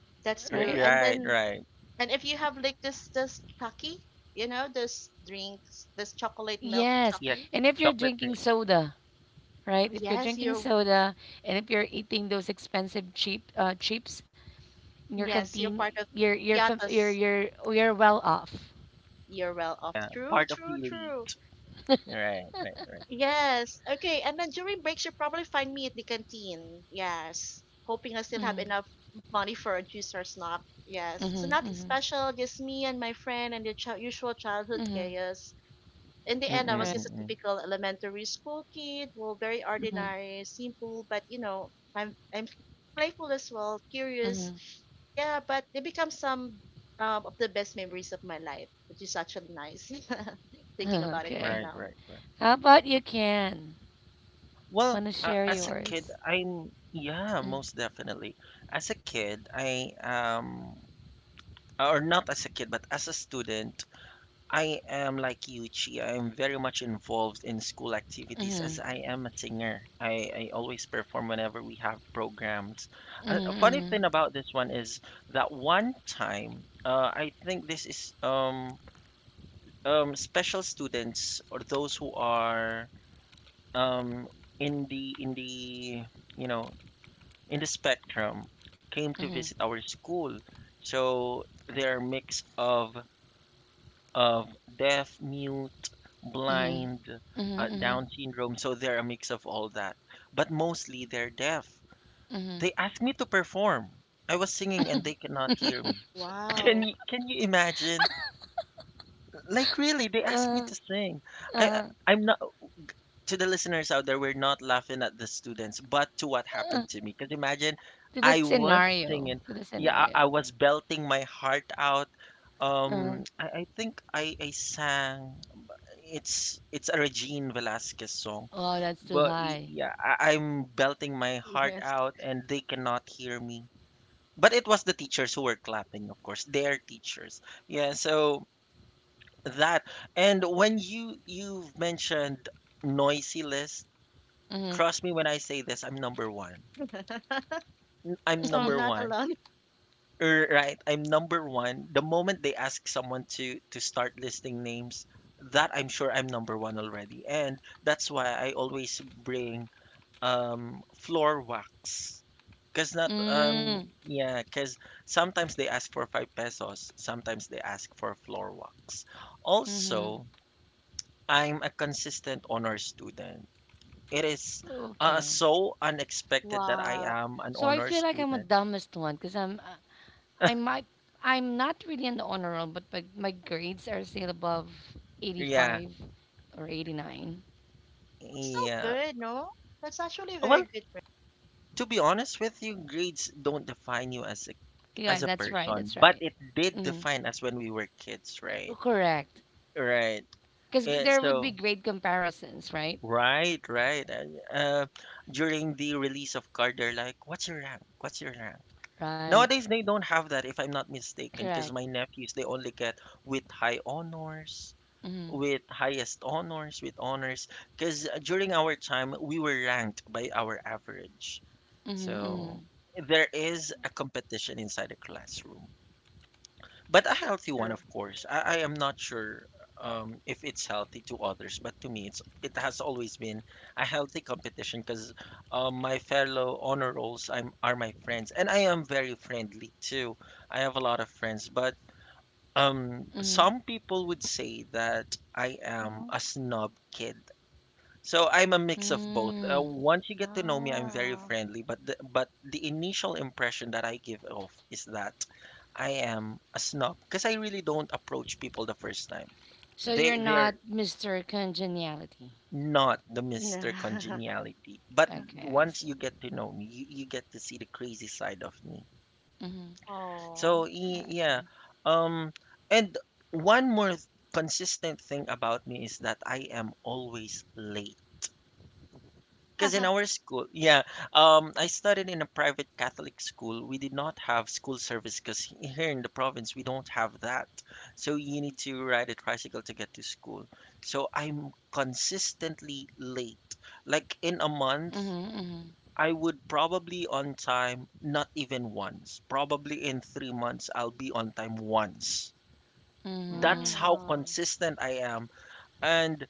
Ri
that's true.
right,
right?
And
right.
then, and if you have like this chucky, you know, this drinks, this chocolate milk
Yes,
Yes.
chucky.
And if you're
chocolate thing.
drinking soda, right?
Oh,
If you're
yes,
drinking soda and if you're eating those expensive cheap chips in your
You're
canteen,
part of
you're fam-
Piatas.
you're well off.
You're well off.
Yeah, part
True,
of the
true, true.
elite. Right, right, right.
Yes. Okay. And then during breaks, you probably find me at the canteen. Yes. Hoping I still have
Mm,
enough money for a juice or snack. Yes. So
mhm,
nothing
mhm,
special, just me and my friend and the usual childhood
mhm,
chaos. In the end, I
Mm-mm,
was
right.
just a
mm-mm.
typical elementary school kid, well, very
Mhm,
ordinary, simple, but you know, I'm playful as well, curious.
mhm.
Yeah, but they become some of the best memories of my life, which is actually nice. Thinking about it
Right,
right
Okay.
right,
now.
right.
How about you can?
Well,
Want to
as a
share
kid,
yours?
I'm yeah, most
Mm,
definitely. As a kid, I or not as a kid, but as a student, I am like Yuchi. I am very much involved in school activities as
mhm,
I am a singer. I always perform whenever we have programs. A
mhm,
funny thing
mhm,
about this one is that one time, I think this is special students or those who are um, in the you know in the spectrum came to
mhm,
visit our school. So they're a mix of of deaf, mute,
mhm,
blind,
mhm,
Down syndrome. So they're a mix of all that. But mostly they're deaf.
mhm,
They asked me to perform. I was singing and they cannot hear me.
Wow.
Can you imagine? Like really, they asked me
mhm.
to sing. I I-
Uh,
I'm not, to the listeners out there, we're not laughing at the students, but to what
uh,
happened to me. Because imagine
to the
I was
scenario.
singing,
To the
yeah,
scenario.
I was belting my heart out.
Uh,
I think I sang. It's a Regine Velasquez song,
wow, that's too
but
high.
yeah, I, I'm belting my heart
Yes.
out, and they cannot hear me. But it was the teachers who were clapping, of course, their teachers. Yeah, so that. And when you've mentioned noisy list,
Mm-hmm.
trust me when I say this, I'm number one. I'm
So I'm
number
not
one.
alone.
Right, I'm number one. The moment they ask someone to start listing names, that I'm sure I'm number one already. And that's why I always bring floor wax. Cause not
Mm,
yeah, cause sometimes they ask for 5 pesos, sometimes they ask for floor wax.
mm-hmm.
Also, I'm a consistent honor student. It is
Okay.
so unexpected that I
Wow.
am an
So I
honor
feel like I'm a
student.
dumbest one because I might, I'm not really an honor roll, but my grades are still above
Yeah,
85 or 89.
It's so
yeah.
good, no? That's actually
Well,
very good.
to be honest with you, grades don't define you as
Yeah,
a
that's right.
person,
That's
but
right.
it did
Mm,
define us when we were kids, right?
correct.
Right.
Because
Yeah,
there would be
so
grade comparisons, right?
right, right. During the release of card, they're like, "What's your rank? What's your rank?"
Right.
Nowadays, they don't have that, if I'm not mistaken, because
Correct.
my nephews they only get with high honors,
Mm-hmm.
with highest honors, with honors, because during our time we were ranked by our average.
Mm-hmm. Mm-hmm.
So there is a competition inside the classroom, but a healthy one,
True.
of course. I am not sure if it's healthy to others, but to me, it's it has always been a healthy competition because my fellow honor rolls are my friends, and I am very friendly too. I have a lot of friends, but
Mm-hmm.
some people would say that I am
Mm-hmm.
a snob kid. So I'm a mix of both.
Mm-hmm.
Once you get to know me, I'm very
Wow.
friendly, but but the initial impression that I give off is that I am a snob because I really don't approach people the first time.
So you're
They
not
they're
Mr. Congeniality.
not the Mr. Congeniality. But
Okay, I
once
see.
you get to know me, you get to see the crazy side of me.
Mhm.
Oh.
So
Okay.
yeah, um, and one more th- consistent thing about me is that I am always late. Because in our school, yeah, I studied in a private Catholic school. We did not have school service because here in the province we don't have that. So you need to ride a tricycle to get to school. So I'm consistently late. Like in a
Mhm.
month,
Mhm.
I would probably on time not even once. Probably in 3 months, I'll be on time once. That's
Mhm.
how
Ah,
consistent I am. And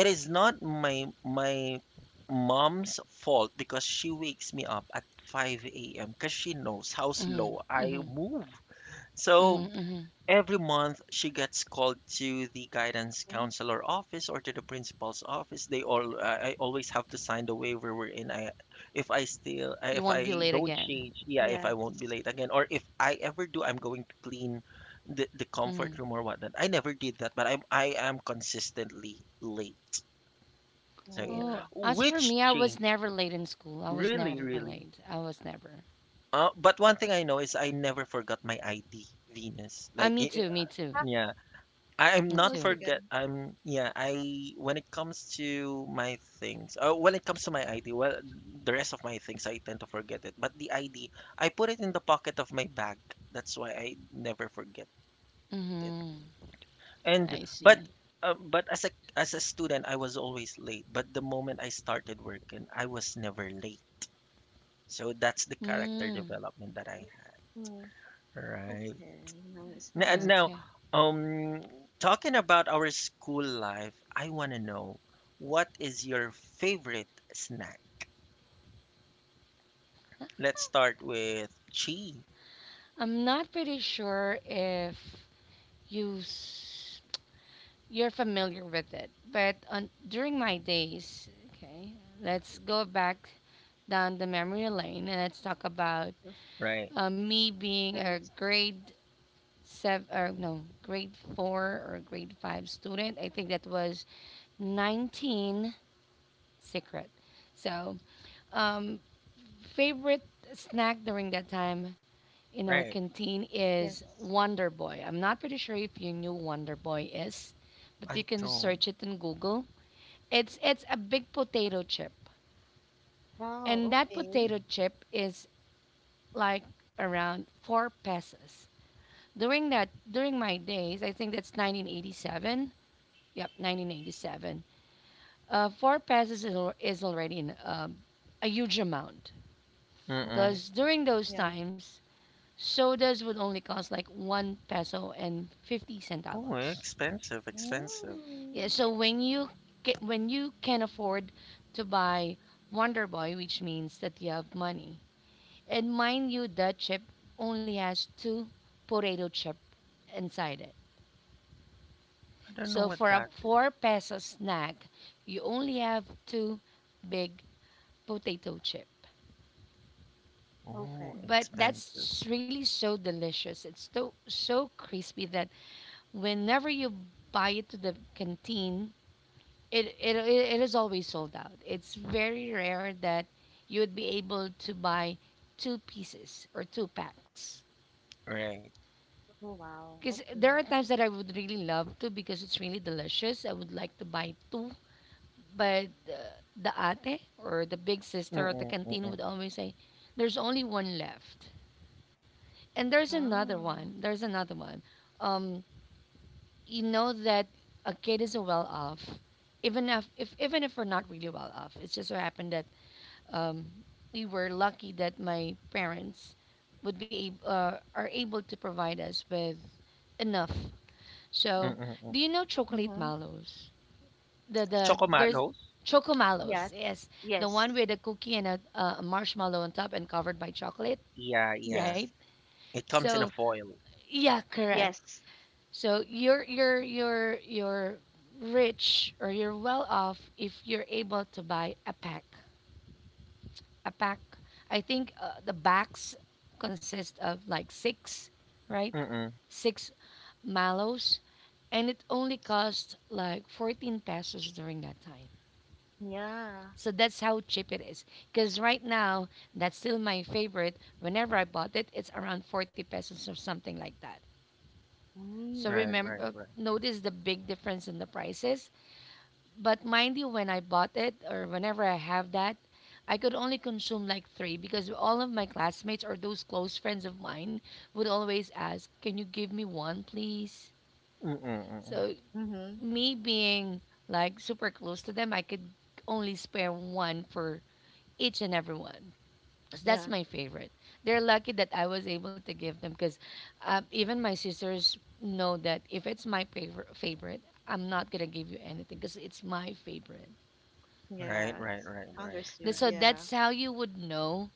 it is not my mom's fault because she wakes me up at 5 a.m. because she knows how
Mhm.
slow I
Mhm.
move.
Mhm.
So
Mhm.
every month, she gets called to the guidance
oh,
counselor office or to the principal's office. I always have to sign the waiver wherein I, if I still, I-
You
if
won't be
I
late
don't
again.
change, yeah, if I won't be
yes.
late again, or if I ever do, I'm going to clean the
Mhm.
comfort room or whatnot. I never did that, but I am consistently late. So yeah,
Oh,
Oh,
as for
which
me, I was
change?
never late in school. I was never
Really,
late.
really.
I was never.
But one thing I know is I never forgot my ID, Venus.
Me
Like,
too. Me too.
I
yeah. I'm
Me
not
too.
always forget.
forget. I'm yeah. I when it comes to my things, when it comes to my ID, well, the rest of my things I tend to forget it. But the ID, I put it in the pocket of my bag. That's why I never forget it.
Mhm.
And
I see.
but as a student, I was always late. But the moment I started working, I was never late. So that's the character
Mm.
development that I had.
Mm,
Right.
okay. Nice, nice.
Now,
Okay.
um, talking about our school life, I want to know what is your favorite snack? Let's start with chi.
I'm not pretty sure if you You're familiar with it. But during my days, okay, let's go back down the memory lane and let's talk about
Oh,
Right,
me being a
right.
grade seven or no, grade four or grade five student. I think that was 19 secret. So, um, favorite snack during that time in our
right.
canteen is
Yes.
Wonder Boy. I'm not pretty sure if you knew Wonder Boy is, but you
I
can search
don't.
it in Google. It's a big potato chip,
Wow.
and that
Okay.
potato chip is like around 4 pesos. During my days, I think that's 1987. Yep, 1987. 4 pesos is already in, a huge amount
Mm-mm.
Okay.
because during those
Yeah.
times, sodas would only cost like 1 peso and 50
Oh,
centavos.
expensive, expensive.
Yeah,
Mm,
so when you can afford to buy Wonder Boy, which means that you have money. And mind you, that chip only has two potato chip inside it.
I don't know
So for
what
a
that is.
4-peso snack, you only have two big potato chip.
Oh,
okay.
But
expensive.
that's really so delicious. It's so crispy that whenever you buy it to the canteen, it is always sold out. It's very rare that you would be able to buy two pieces or two packs.
Right.
Oh, wow.
Because
Okay.
there are times that I would really love to because it's really delicious. I would like to buy two, but the ate or the big sister at the
Mm-mm,
canteen would
mm-mm,
always say, "There's only one left," and there's another one.
Ah.
There's another one. Um, you know that a kid is well off, even if we're not really well off. It just so happened that um, we were lucky that my parents would be are able to provide us with enough. So,
mm-mm,
do
mm.
you know chocolate
Mm-hmm.
mallows? There's
Chocomalos?
choco mallows.
Yes.
Yes, the
Yes.
one with a cookie and a marshmallow on top and covered by chocolate,
Yeah, yeah.
right?
Yes.
It comes in a
So,
foil.
yeah, correct.
Yes.
So, you're rich or you're well off if you're able to buy a pack. A pack. I think the backs consist of like 6, right?
Mm-mm.
6 mallows and it only cost like 14 pesos during that time.
Yeah.
So that's how cheap it is. Because right now, that's still my favorite. Whenever I bought it, it's around 40 pesos or something like that. So
Right,
Mm.
remember,
right.
notice the big difference in the prices. But mind you, when I bought it or whenever I have that, I could only consume like three because all of my classmates or those close friends of mine would always ask, Can you give me one, please?
Mm-mm, mm-mm.
So,
Mm-hmm.
me being like super close to them, I could only spare one for each and every one. So that's
Yeah.
my favorite. They're lucky that I was able to give them because even my sisters know that if it's my favorite, I'm not gonna give you anything because it's my favorite.
Right, right,
Yes.
right, right,
Understood.
right.
So
Yeah.
that's how you would know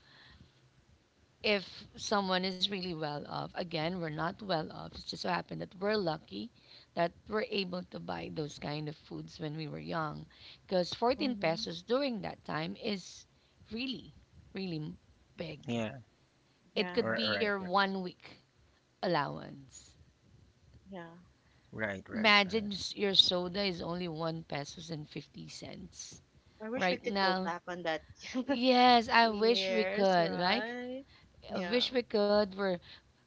if someone is really well off. Again, we're not well off. It's just so happened that we're lucky that we're able to buy those kind of foods when we were young because 14
Mm-hmm.
pesos during that time is really, really big.
Yeah.
It
Yeah.
could
Right,
be
right,
your one week allowance.
Yeah.
right, right, right, right.
Imagine your soda is only 1 pesos and 50 cents
I wish we
right
could go
now.
back on that
Yes, I wish we
years,
could. Like,
right?
I
Yeah,
wish we could where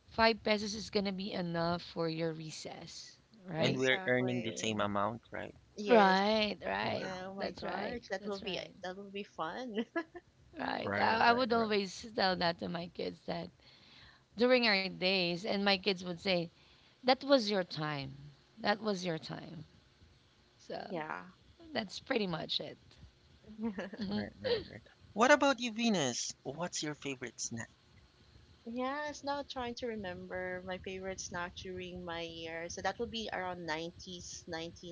5 pesos is going to be enough for your recess,
And
right?
we're earning the
exactly.
same amount, right?
Yes.
Right, right.
Wow.
Oh my
That's right.
gosh, that will
That's
be
right.
that will be fun.
Right.
Right,
I
right,
would
right,
always tell that to my kids that during our days, and my kids would say, that was your time. That was your time. So
Yeah.
that's pretty much it. hmm
right, right, right. What about you, Venus? What's your favorite snack?
Yes, now trying to remember my favorite snack during my year. So that would be around 90s, ninety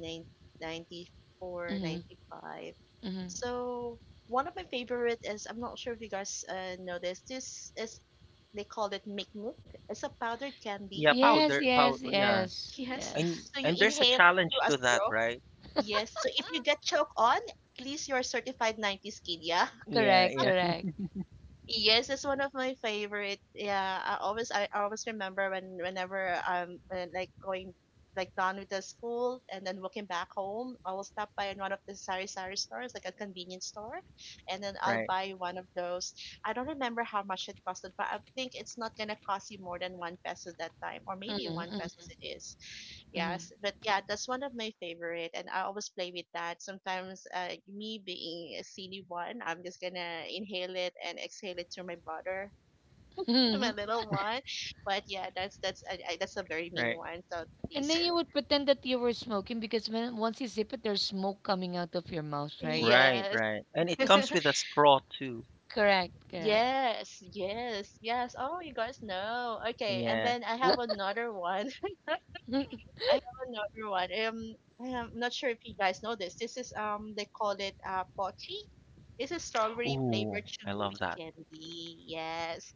four,
hmm
ninety five.
hmm
So one of my favorite is, I'm not sure if you guys know this. This is, they call it Milk Milk. It's a powdered candy.
Yeah,
Yes,
powder,
yes,
powder, yeah.
yes,
Yes.
yes.
So you
And there's a
inhale through
challenge
a
to that,
straw.
right?
Yes. So if you get choke on, at least you're certified 90s kid, yeah?
Yeah,
Correct,
yeah,
correct.
Yes, it's one of my favorite. Yeah, I always remember when whenever, like going like done with the school and then walking back home, I will stop by in one of the sari sari stores, like a convenience store, and then I'll
right,
buy one of those. I don't remember how much it costed, but I think it's not gonna cost you more than 1 peso that time, or maybe 1 pesos
Mm-hmm,
it is.
mm-hmm.
Yes, but yeah, that's one of my favorite, and I always play with that. Sometimes, me being a silly one, I'm just gonna inhale it and exhale it through my brother, my little one. But yeah, that's that's a very mean
right,
one. So
and
please,
then you would pretend that you were smoking because when once you sip it, there's smoke coming out of your mouth, right?
right,
yes,
right. And it comes with a straw too.
Correct, correct.
yes, yes, yes. Oh, you guys know. Okay, and
Yeah.
then I have
Wo-
another one. I have another one. I'm not sure if you guys know this. This is they call it pochi. It's a strawberry
Ooh,
flavored
I
chewy
love that.
candy. Yes,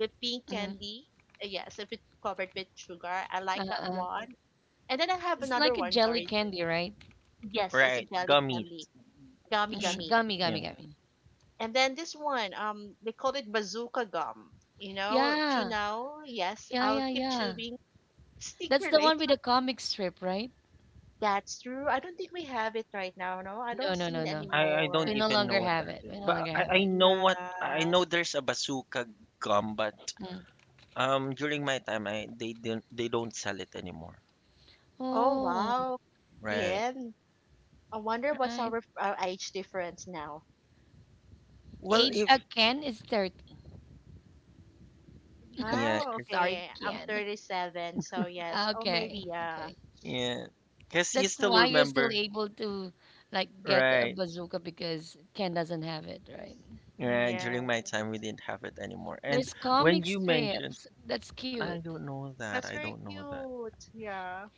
the pink
hmm
candy. Yes, if it's covered with sugar. I like that
Uh-uh.
one. And then I have
It's
another
like a
one.
jelly
Sorry, sorry.
candy, right?
Yes, it's a
Right,
jelly
gummies.
candy, gummy gummy.
Gummy, gummy,
Yeah.
gummy.
And then this one, they call it bazooka gum. You know, chew
Yeah,
now. Yes,
yeah, yeah,
I'll keep
yeah.
chewing.
That's
Sticker
the one with the
later.
comic strip, right?
That's true. I don't think we have it right now, no? I
No,
don't
no,
see
no,
it
no.
I don't
We no
anymore.
even know
longer
what
have
that
it.
is,
We no
but
longer have
I
it.
know what I
Yes.
know. There's a bazooka gum, but
Mm.
um, during my time, I they don't sell it anymore,
Oh,
Oh,
wow.
right?
Bien. I wonder what's
right.
our age difference now.
Well,
Age
if
again is 30.
yeah,
Wow,
Sorry,
okay. I'm
Kian.
37, so yes. Oh,
Okay,
maybe, yeah.
okay.
yeah, because you
That's
still
why you're still
remember,
able to like get a
right?
bazooka because Ken doesn't have it, right?
Yeah, during
Yeah.
my time, we didn't have it anymore. And
There's
when
comic
you mentioned,
strips. That's cute.
I don't know that,
That's
I
very
don't know that.
cute. Yeah.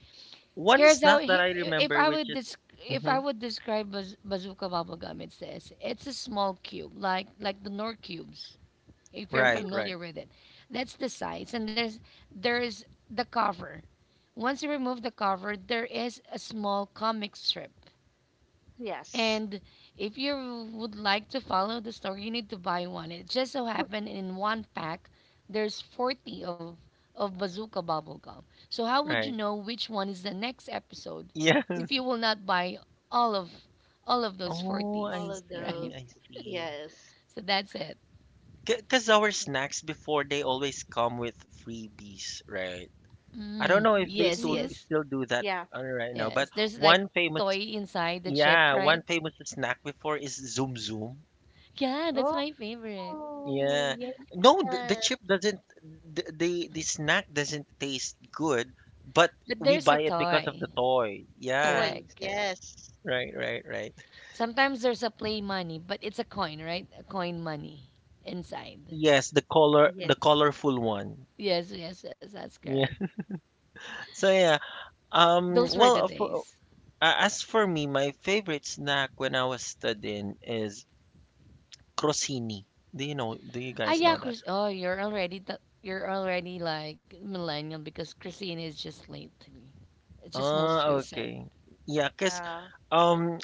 One
Here's how
snack
he,
that I
if
remember,
I
which
would
is
dis, if
hmm...
I would describe bazooka bubblegum, it's this. It's a small cube, like the Nord cubes, if you're
Yeah.
Right, right,
familiar with it. That's the size, and there's the cover. Once you remove the cover, there is a small comic strip.
Yes.
And if you would like to follow the story, you need to buy one. It just so happened in one pack, there's 40 of Bazooka Bubblegum. So how would you
right.
know which one is the next episode
Yeah.
if you will not buy all of all of those
Oh,
40s,
All
I
of
right?
see,
those.
I see.
Yes.
So that's it.
Because our snacks before, they always come with freebies, right? I don't
Mm,
know if they
yes,
still
Mm-hmm.
yes,
do that
Yeah.
right now,
yes.
but
There's like
one famous
toy inside the
yeah,
chip, right?
one famous snack before is Zoom Zoom.
Yeah, that's
Oh,
my favorite.
Yeah.
yes.
No, the chip doesn't the snack doesn't taste good, but
But
we
there's a
buy it because of
toy.
the toy. Yeah.
Toys.
Correct, correct.
Yes.
Right, right, right.
Sometimes there's a play money, but it's a coin, right? A coin money inside.
Yes, the
Yes.
colorful one.
Yes, yes, yes, that's
Yeah.
correct.
So yeah. Um
Those were the
well, uh, for,
days.
as for me, my favorite snack when I was studying is crostini. Do you
Ah,
guys
yeah,
know that?
Chris. Oh, you're already you're already like millennial because Christine is just late to me. It's just most
Ah,
recent.
okay. Yeah. Cause,
Yeah.
um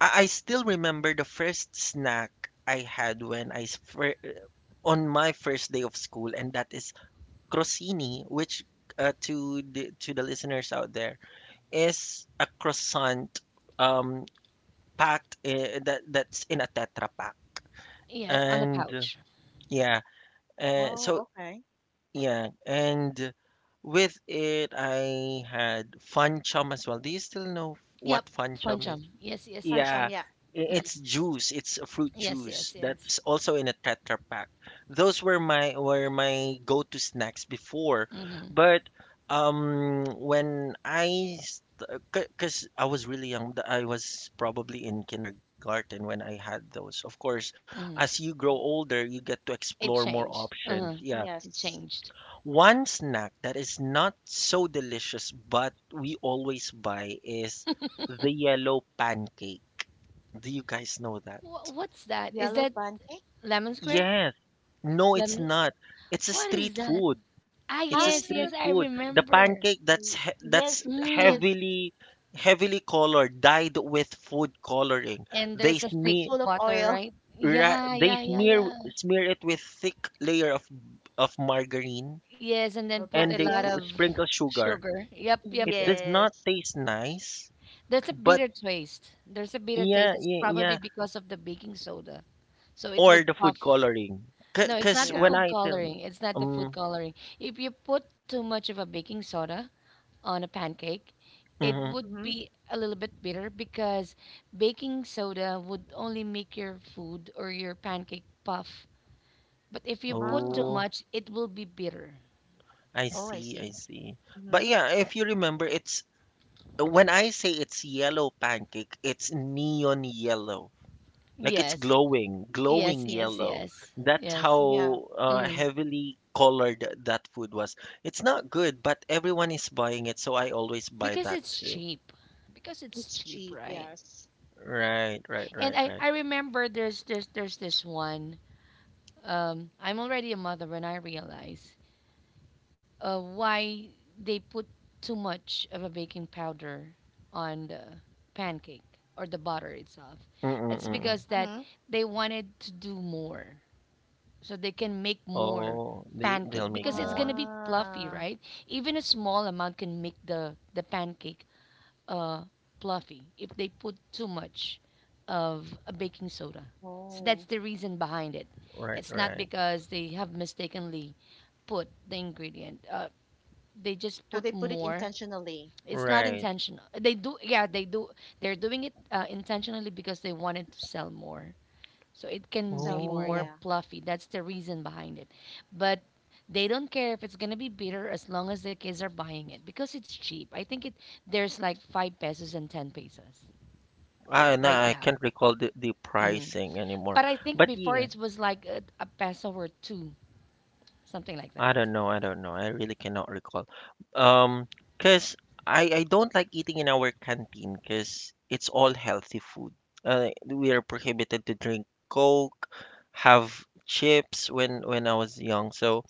I still remember the first snack I had when on my first day of school, and that is crostini, which to the listeners out there is a croissant um packed I that that's in a tetra pack.
Yes, on a
And
pouch.
yeah, uh, so
Oh, okay.
yeah, and with it I had fun chum as well. Do you still know
Yep,
what fun chum is?
funchum. Yes, yes, yes, yes.
Pancham,
Yeah,
yeah.
hmm
it's juice. It's a fruit
Yes, yes,
juice
yes.
that's also in a Tetra Pak. Those were my go-to snacks before,
hmm
but when I, because I was really young, I was probably in kindergarten when I had those. Of course, as
hmm
you grow older, you get to
It
explore more
changed.
options.
Uh-huh.
Yeah,
It
Yes.
changed.
one snack that is not so delicious but we always buy is the yellow pancake. Do you guys know that?
What's that? Is
Yellow
that
pancake.
lemon square?
Yes. No, it's
Lemon.
not. It's a
What
street
is that?
food.
Ah,
It's
Ah,
a
yes, yes,
street
I
food. The
remember.
pancake that's he that's
yes, yes.
Mm.
heavily heavily colored, dyed with food coloring.
And
They
there's a
It's
thick
smear
full of
butter,
oil
right?
ra-
Yeah,
they
yeah, yeah,
smear
yeah.
smear it with thick layer of margarine,
Yes, and then
or
put a
and
butter.
they
lot
pu-
Yes.
of
sprinkle sugar.
sugar. Yep, yep,
It
yep.
does not
Yes.
taste nice,
There's a
but
bitter taste. There's a bitter taste.
yeah,
It's
yeah,
probably
yeah.
because of the baking soda. So it
Or
would
the
puff.
food coloring.
No, it's
Because
not the
Yeah.
when
food
I tell,
coloring. It's not the food
um,
coloring. If you put too much of a baking soda, on a pancake, it
mhm.
would
Mm-hmm.
be a little bit bitter because baking soda would only make your food or your pancake puff. But if you put too
Wow.
Oh,
much, it will be bitter.
I
Oh, I
see, I
see.
see. But
Mm-hmm.
yeah, if you remember, it's when I say it's yellow pancake, it's neon yellow. Like it's
Yes,
glowing,
yes,
glowing
yes,
yellow.
yes,
That's
yes.
Yeah.
how
Mm.
heavily colored that food was. It's not good, but everyone is buying it, so I always buy
Because
that
it's
too.
cheap. Because it's
It's
cheap,
cheap,
right?
yes.
Right, right,
And
right,
I,
right.
I remember there's this one. I'm already a mother when I realize why they put too much of a baking powder on the pancake or the butter itself.
Mm,
It's
mm.
because that
Mm-hmm.
they wanted to do more so they can make more
Oh, they
pancake
they'll make
because it's going to
more.
be fluffy,
Ah.
right? Even a small amount can make the pancake uh fluffy if they put too much of a baking soda.
Oh.
So that's the reason behind it.
Right,
It's not
right.
because they have mistakenly put the ingredient. They
So they
just
put
put
it
more.
intentionally
It's not
Right.
intentional. They do, yeah, they do. They're doing it intentionally because they wanted to sell more, so
and
it
sell
can
more,
be
yeah.
more
Oh,
fluffy. That's the reason behind it. But they don't care if it's gonna be bitter as long as the kids are buying it because it's cheap. I think it There's like 5 pesos and 10 pesos
I no,
right
I
now.
can't recall the pricing anymore.
But I think
But
before
yeah,
it was like a peso or two, something like
I
that.
don't know, I don't know. I really cannot recall. Um, 'Cause I don't like eating in our canteen 'cause it's all healthy food. We are prohibited to drink Coke, have chips when I was young. So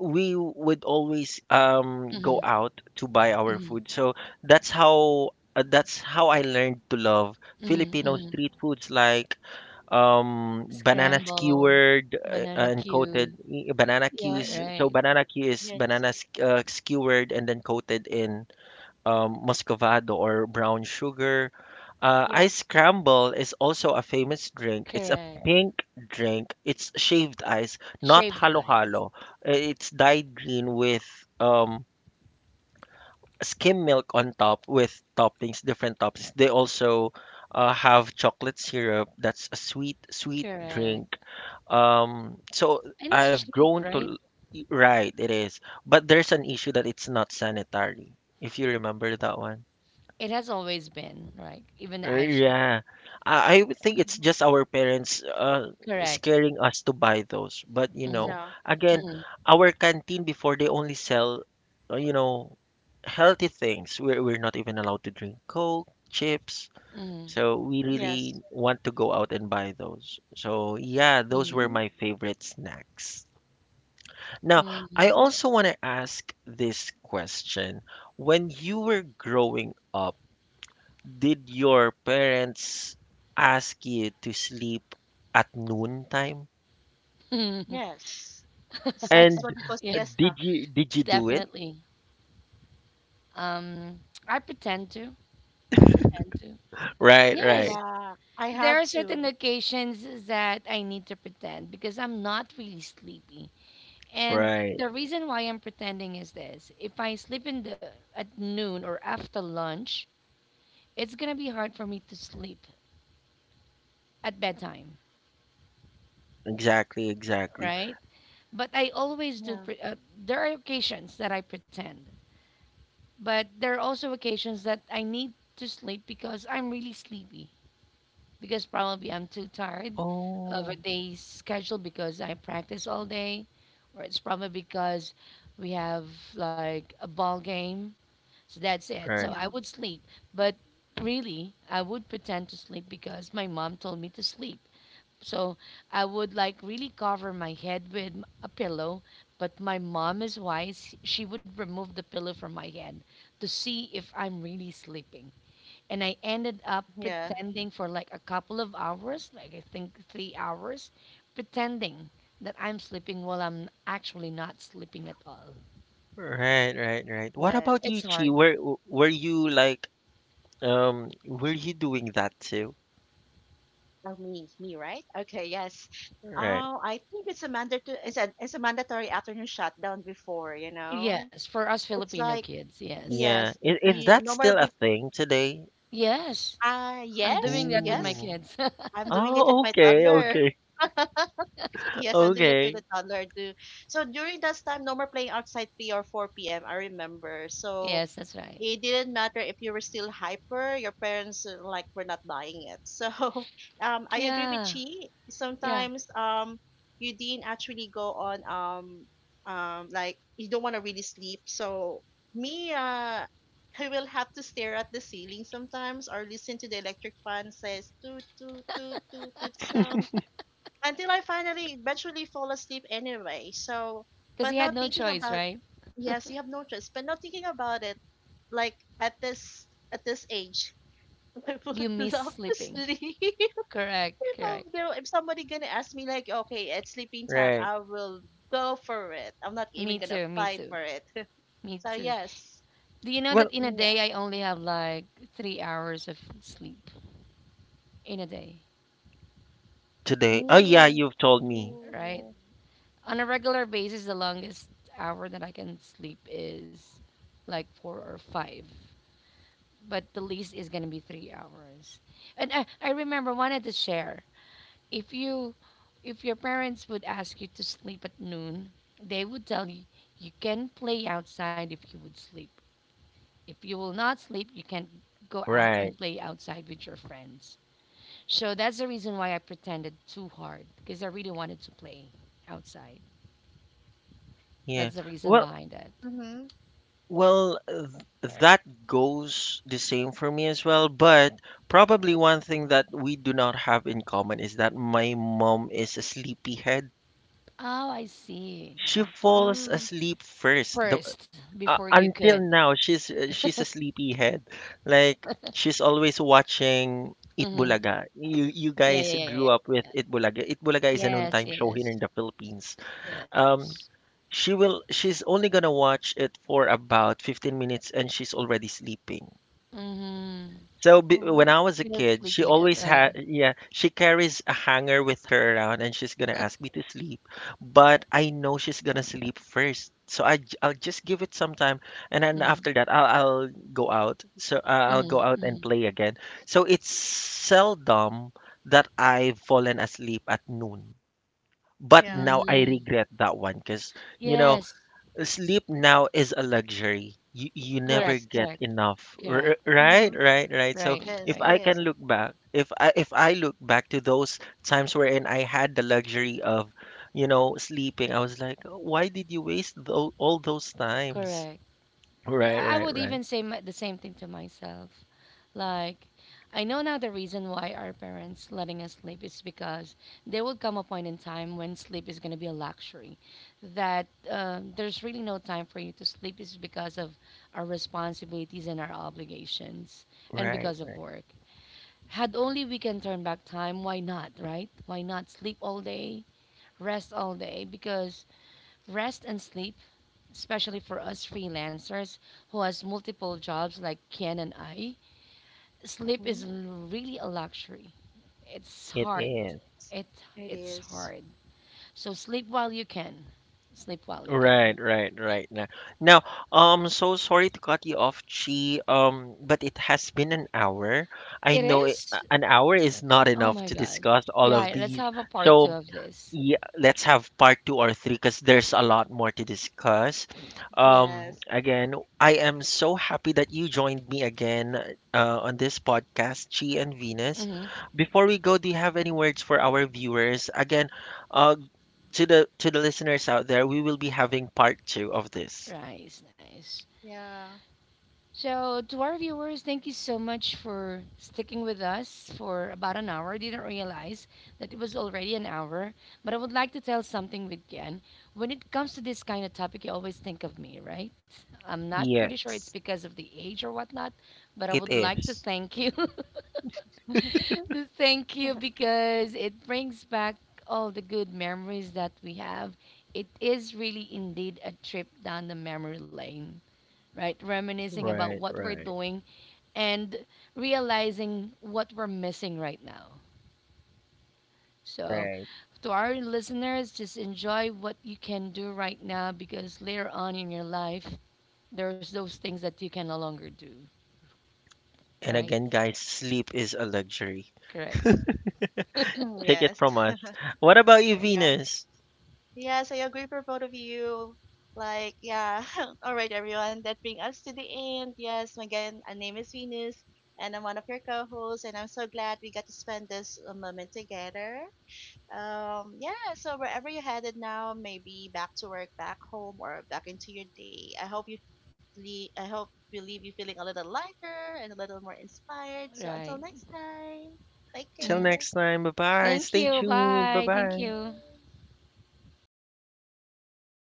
we would always go out to buy our food. So that's how that's how I learned to love
Hmm.
Filipino street foods like banana
Scramble,
skewered uh,
banana
and
cue.
coated i- banana
Yeah,
cues.
Mm-hmm.
So
right.
banana cue is
Yes.
banana skewered and then coated in muscovado or brown sugar.
Yeah.
Ice scramble is also a famous drink. It's a
Correct.
pink drink. It's shaved ice, not
Shaved
Yeah.
ice.
halo-halo. It's dyed green with um, skim milk on top with toppings, different toppings. They also have chocolate syrup. That's a sweet, sweet
Correct.
drink. So
And it's
I've
cheap,
grown to
right?
l- y- Right, it is. But there's an issue that it's not sanitary, if you remember that one.
It has always been, right? Even the ice cream.
Yeah, I would think it's
Mhm.
just our parents
Correct.
scaring us to buy those. But you know,
Mm,
Yeah.
again,
mm,
our canteen before they only sell, uh, you know, healthy things. We're not even allowed to drink Coke, chips.
mm,
So we really
Yes.
want to go out and buy those. So yeah, those
mm,
were
Mm-hmm.
my favorite snacks. Now, I
mm,
Mm-hmm.
also want to ask this question. When you were growing up, did your parents ask you to sleep at noon time?
mm.
Yes. It's like
And
what we call
Yeah,
siesta.
did you do it?
definitely. Um, I pretend to. I pretend to.
Right,
Yes,
right,
Yeah. I
there
have
are
to.
certain occasions that I need to pretend because I'm not really sleepy. And
right.
the reason why I'm pretending is this: if I sleep in the at noon or after lunch, it's gonna be hard for me to sleep at bedtime,
Exactly, exactly.
right? But I always
Yeah.
do. There are occasions that I pretend, but there are also occasions that I need to sleep because I'm really sleepy. Because probably I'm too tired of a
Oh,
day's schedule because I practice all day, or it's probably because we have like a ball game. So that's it. So
right,
I
Yeah.
would sleep, but really I would pretend to sleep because my mom told me to sleep. So I would like really cover my head with a pillow, but my mom is wise. She would remove the pillow from my head to see if I'm really sleeping. And I ended up
Yeah.
pretending for like a couple of hours, like I think 3 hours, pretending that I'm sleeping while I'm actually not sleeping at all.
right, right, right. What about
It's
you,
Yes.
hard.
Chi? Were you like were you doing that too?
Oh, me. Me, right? Okay, yes.
Right.
Oh, I think it's a mandatory afternoon shutdown before, you know?
Yes, for us
It's
Filipino
like
kids, yes.
Yeah.
yes,
Is
you
that
no more
still a
be
thing today?
Yes, I'm
yes,
doing that with my
yes.
Ooh.
kids.
I'm doing it with
Oh,
my
okay,
toddler.
okay,
Yes, I'm doing that with
okay.
the toddler too. So during that time, no more playing outside 3 or 4 p.m. I remember. So
yes, that's right.
it didn't matter if you were still hyper, your parents like were not buying it. So I agree with
Yeah,
Chi.
yeah.
Sometimes you didn't actually go on like you don't want to really sleep. So me, I will have to stare at the ceiling sometimes or listen to the electric fan says toot toot toot toot toot sound until I finally eventually fall asleep anyway. So,
Because he
but
had
now
no
thinking
choice,
about...
right?
yes, you have no choice. But now thinking about it, like at this age, I
You
would
miss
love to
sleeping.
sleep.
Correct,
If, I'm
correct.
there, if somebody gonna ask me like, okay, it's sleeping time,
Right.
I will go for it. I'm not even
Me
gonna
too, me
fight
too,
for it.
me
So
too.
yes,
Do you know that
Well,
in a day
yeah,
I only have like 3 hours of sleep in a day,
today. Oh yeah,
me
you've told me.
right?
too.
On a regular basis, the longest hour that I can sleep is like 4 or 5, but the least is gonna be 3 hours. And I remember wanted to share if you if your parents would ask you to sleep at noon. They would tell you you can play outside if you would sleep. If you will not sleep, you can go out
Right.
and play outside with your friends. So that's the reason why I pretended too hard because I really wanted to play outside.
Yeah.
That's the reason
Well,
behind it.
Mhm.
well, uh, that goes the same for me as well, but probably one thing that we do not have in common is that my mom is a sleepyhead.
Oh, I see.
She
Yeah.
falls
Mm.
asleep first.
First, before you
Until
could.
now, she's a sleepyhead. Like she's always watching
Mm-hmm.
Itbulaga. You
Yeah,
guys
yeah, yeah, yeah,
grew up with
yeah.
Itbulaga. Itbulaga is a
Yes,
noontime show here
yes,
in the Philippines.
yes.
Um, She will she's only gonna watch it for about 15 minutes and she's already sleeping.
Mm-hmm.
So b when
Mhm.
I was
We
a
don't sleep
kid, she
yet.
always had, yeah, she carries a hanger with her around and she's gonna ask me to sleep. But I know she's gonna sleep first. So I'll just give it some time, and then
Mm,
after that I'll go out. So I'll go
mm,
out
mm,
and play again. So it's seldom that I've fallen asleep at noon. But
Yeah.
now I
mm.
regret that one because, you know,
Yes,
sleep now is a luxury. You
correct,
never
Yes.
get
correct.
enough.
Correct.
Right,
Mhm.
right, right. So
Right.
if
Yes.
Right.
I can
Yes.
look back, if I look back to those times wherein I had the luxury of, you know, sleeping, I was like, why did you waste all those times?
Correct.
Right,
I
right,
would
right,
even say the same thing to myself. Like, I know now the reason why our parents letting us sleep is because there will come a point in time when sleep is going to be a luxury. That there's really no time for you to sleep is because of our responsibilities and our obligations and
right.
because of
Right.
work. Had only we can turn back time, why not, right? Why not sleep all day, rest all day? Because rest and sleep especially for us freelancers who has multiple jobs like Ken and I, sleep is
Mm-hmm.
really a luxury. It's
It
hard.
is.
It
It
it's
is.
hard. So sleep while you can. Sleep while you can.
Right, right, right. Now, now, so sorry to cut you off, Chi. But it has been an hour. I
It
know it,
is.
an hour is not
Oh
enough
my
to
god.
discuss all of
Yeah. Let's
these.
have a part two
So
of this.
yeah, let's have part two or three because there's a lot more to discuss.
Yes.
Again, I am so happy that you joined me again on this podcast, Chi and Venus.
Mm-hmm.
Before we go, do you have any words for our viewers? Again, uh, to the listeners out there, we will be having part two of this.
Nice, nice.
Yeah.
So, to our viewers, thank you so much for sticking with us for about an hour. I didn't realize that it was already an hour, but I would like to tell something with Ken. When it comes to this kind of topic, you always think of me, right? I'm not pretty
Yes,
sure it's because of the age or whatnot, but I
it
would like to
is.
thank you. to thank you because it brings back all the good memories that we have. It is really indeed a trip down the memory lane, right? Reminiscing about
Right,
what we're
right,
doing and realizing what we're missing right now. So,
right.
to our listeners, just enjoy what you can do right now because later on in your life, there's those things that you can no longer do,
And
right?
again, guys, sleep is a luxury.
Correct.
Take it
Yes.
from us. What about you,
Yeah.
Venus?
Yes, I agree for both of you. Like, yeah. All right, everyone. That brings us to the end. Yes, again, my name is Venus, and I'm one of your co-hosts, and I'm so glad we got to spend this moment together. Yeah, so wherever you're headed now, maybe back to work, back home, or back into your day, I hope you I hope we leave you feeling a little lighter and a little more inspired. So until
Right.
next time, take
Till
Mhm.
care.
next time. Bye bye.
Thank
Stay
you.
tuned. Bye
Bye. Thank
bye.
you.
Bye.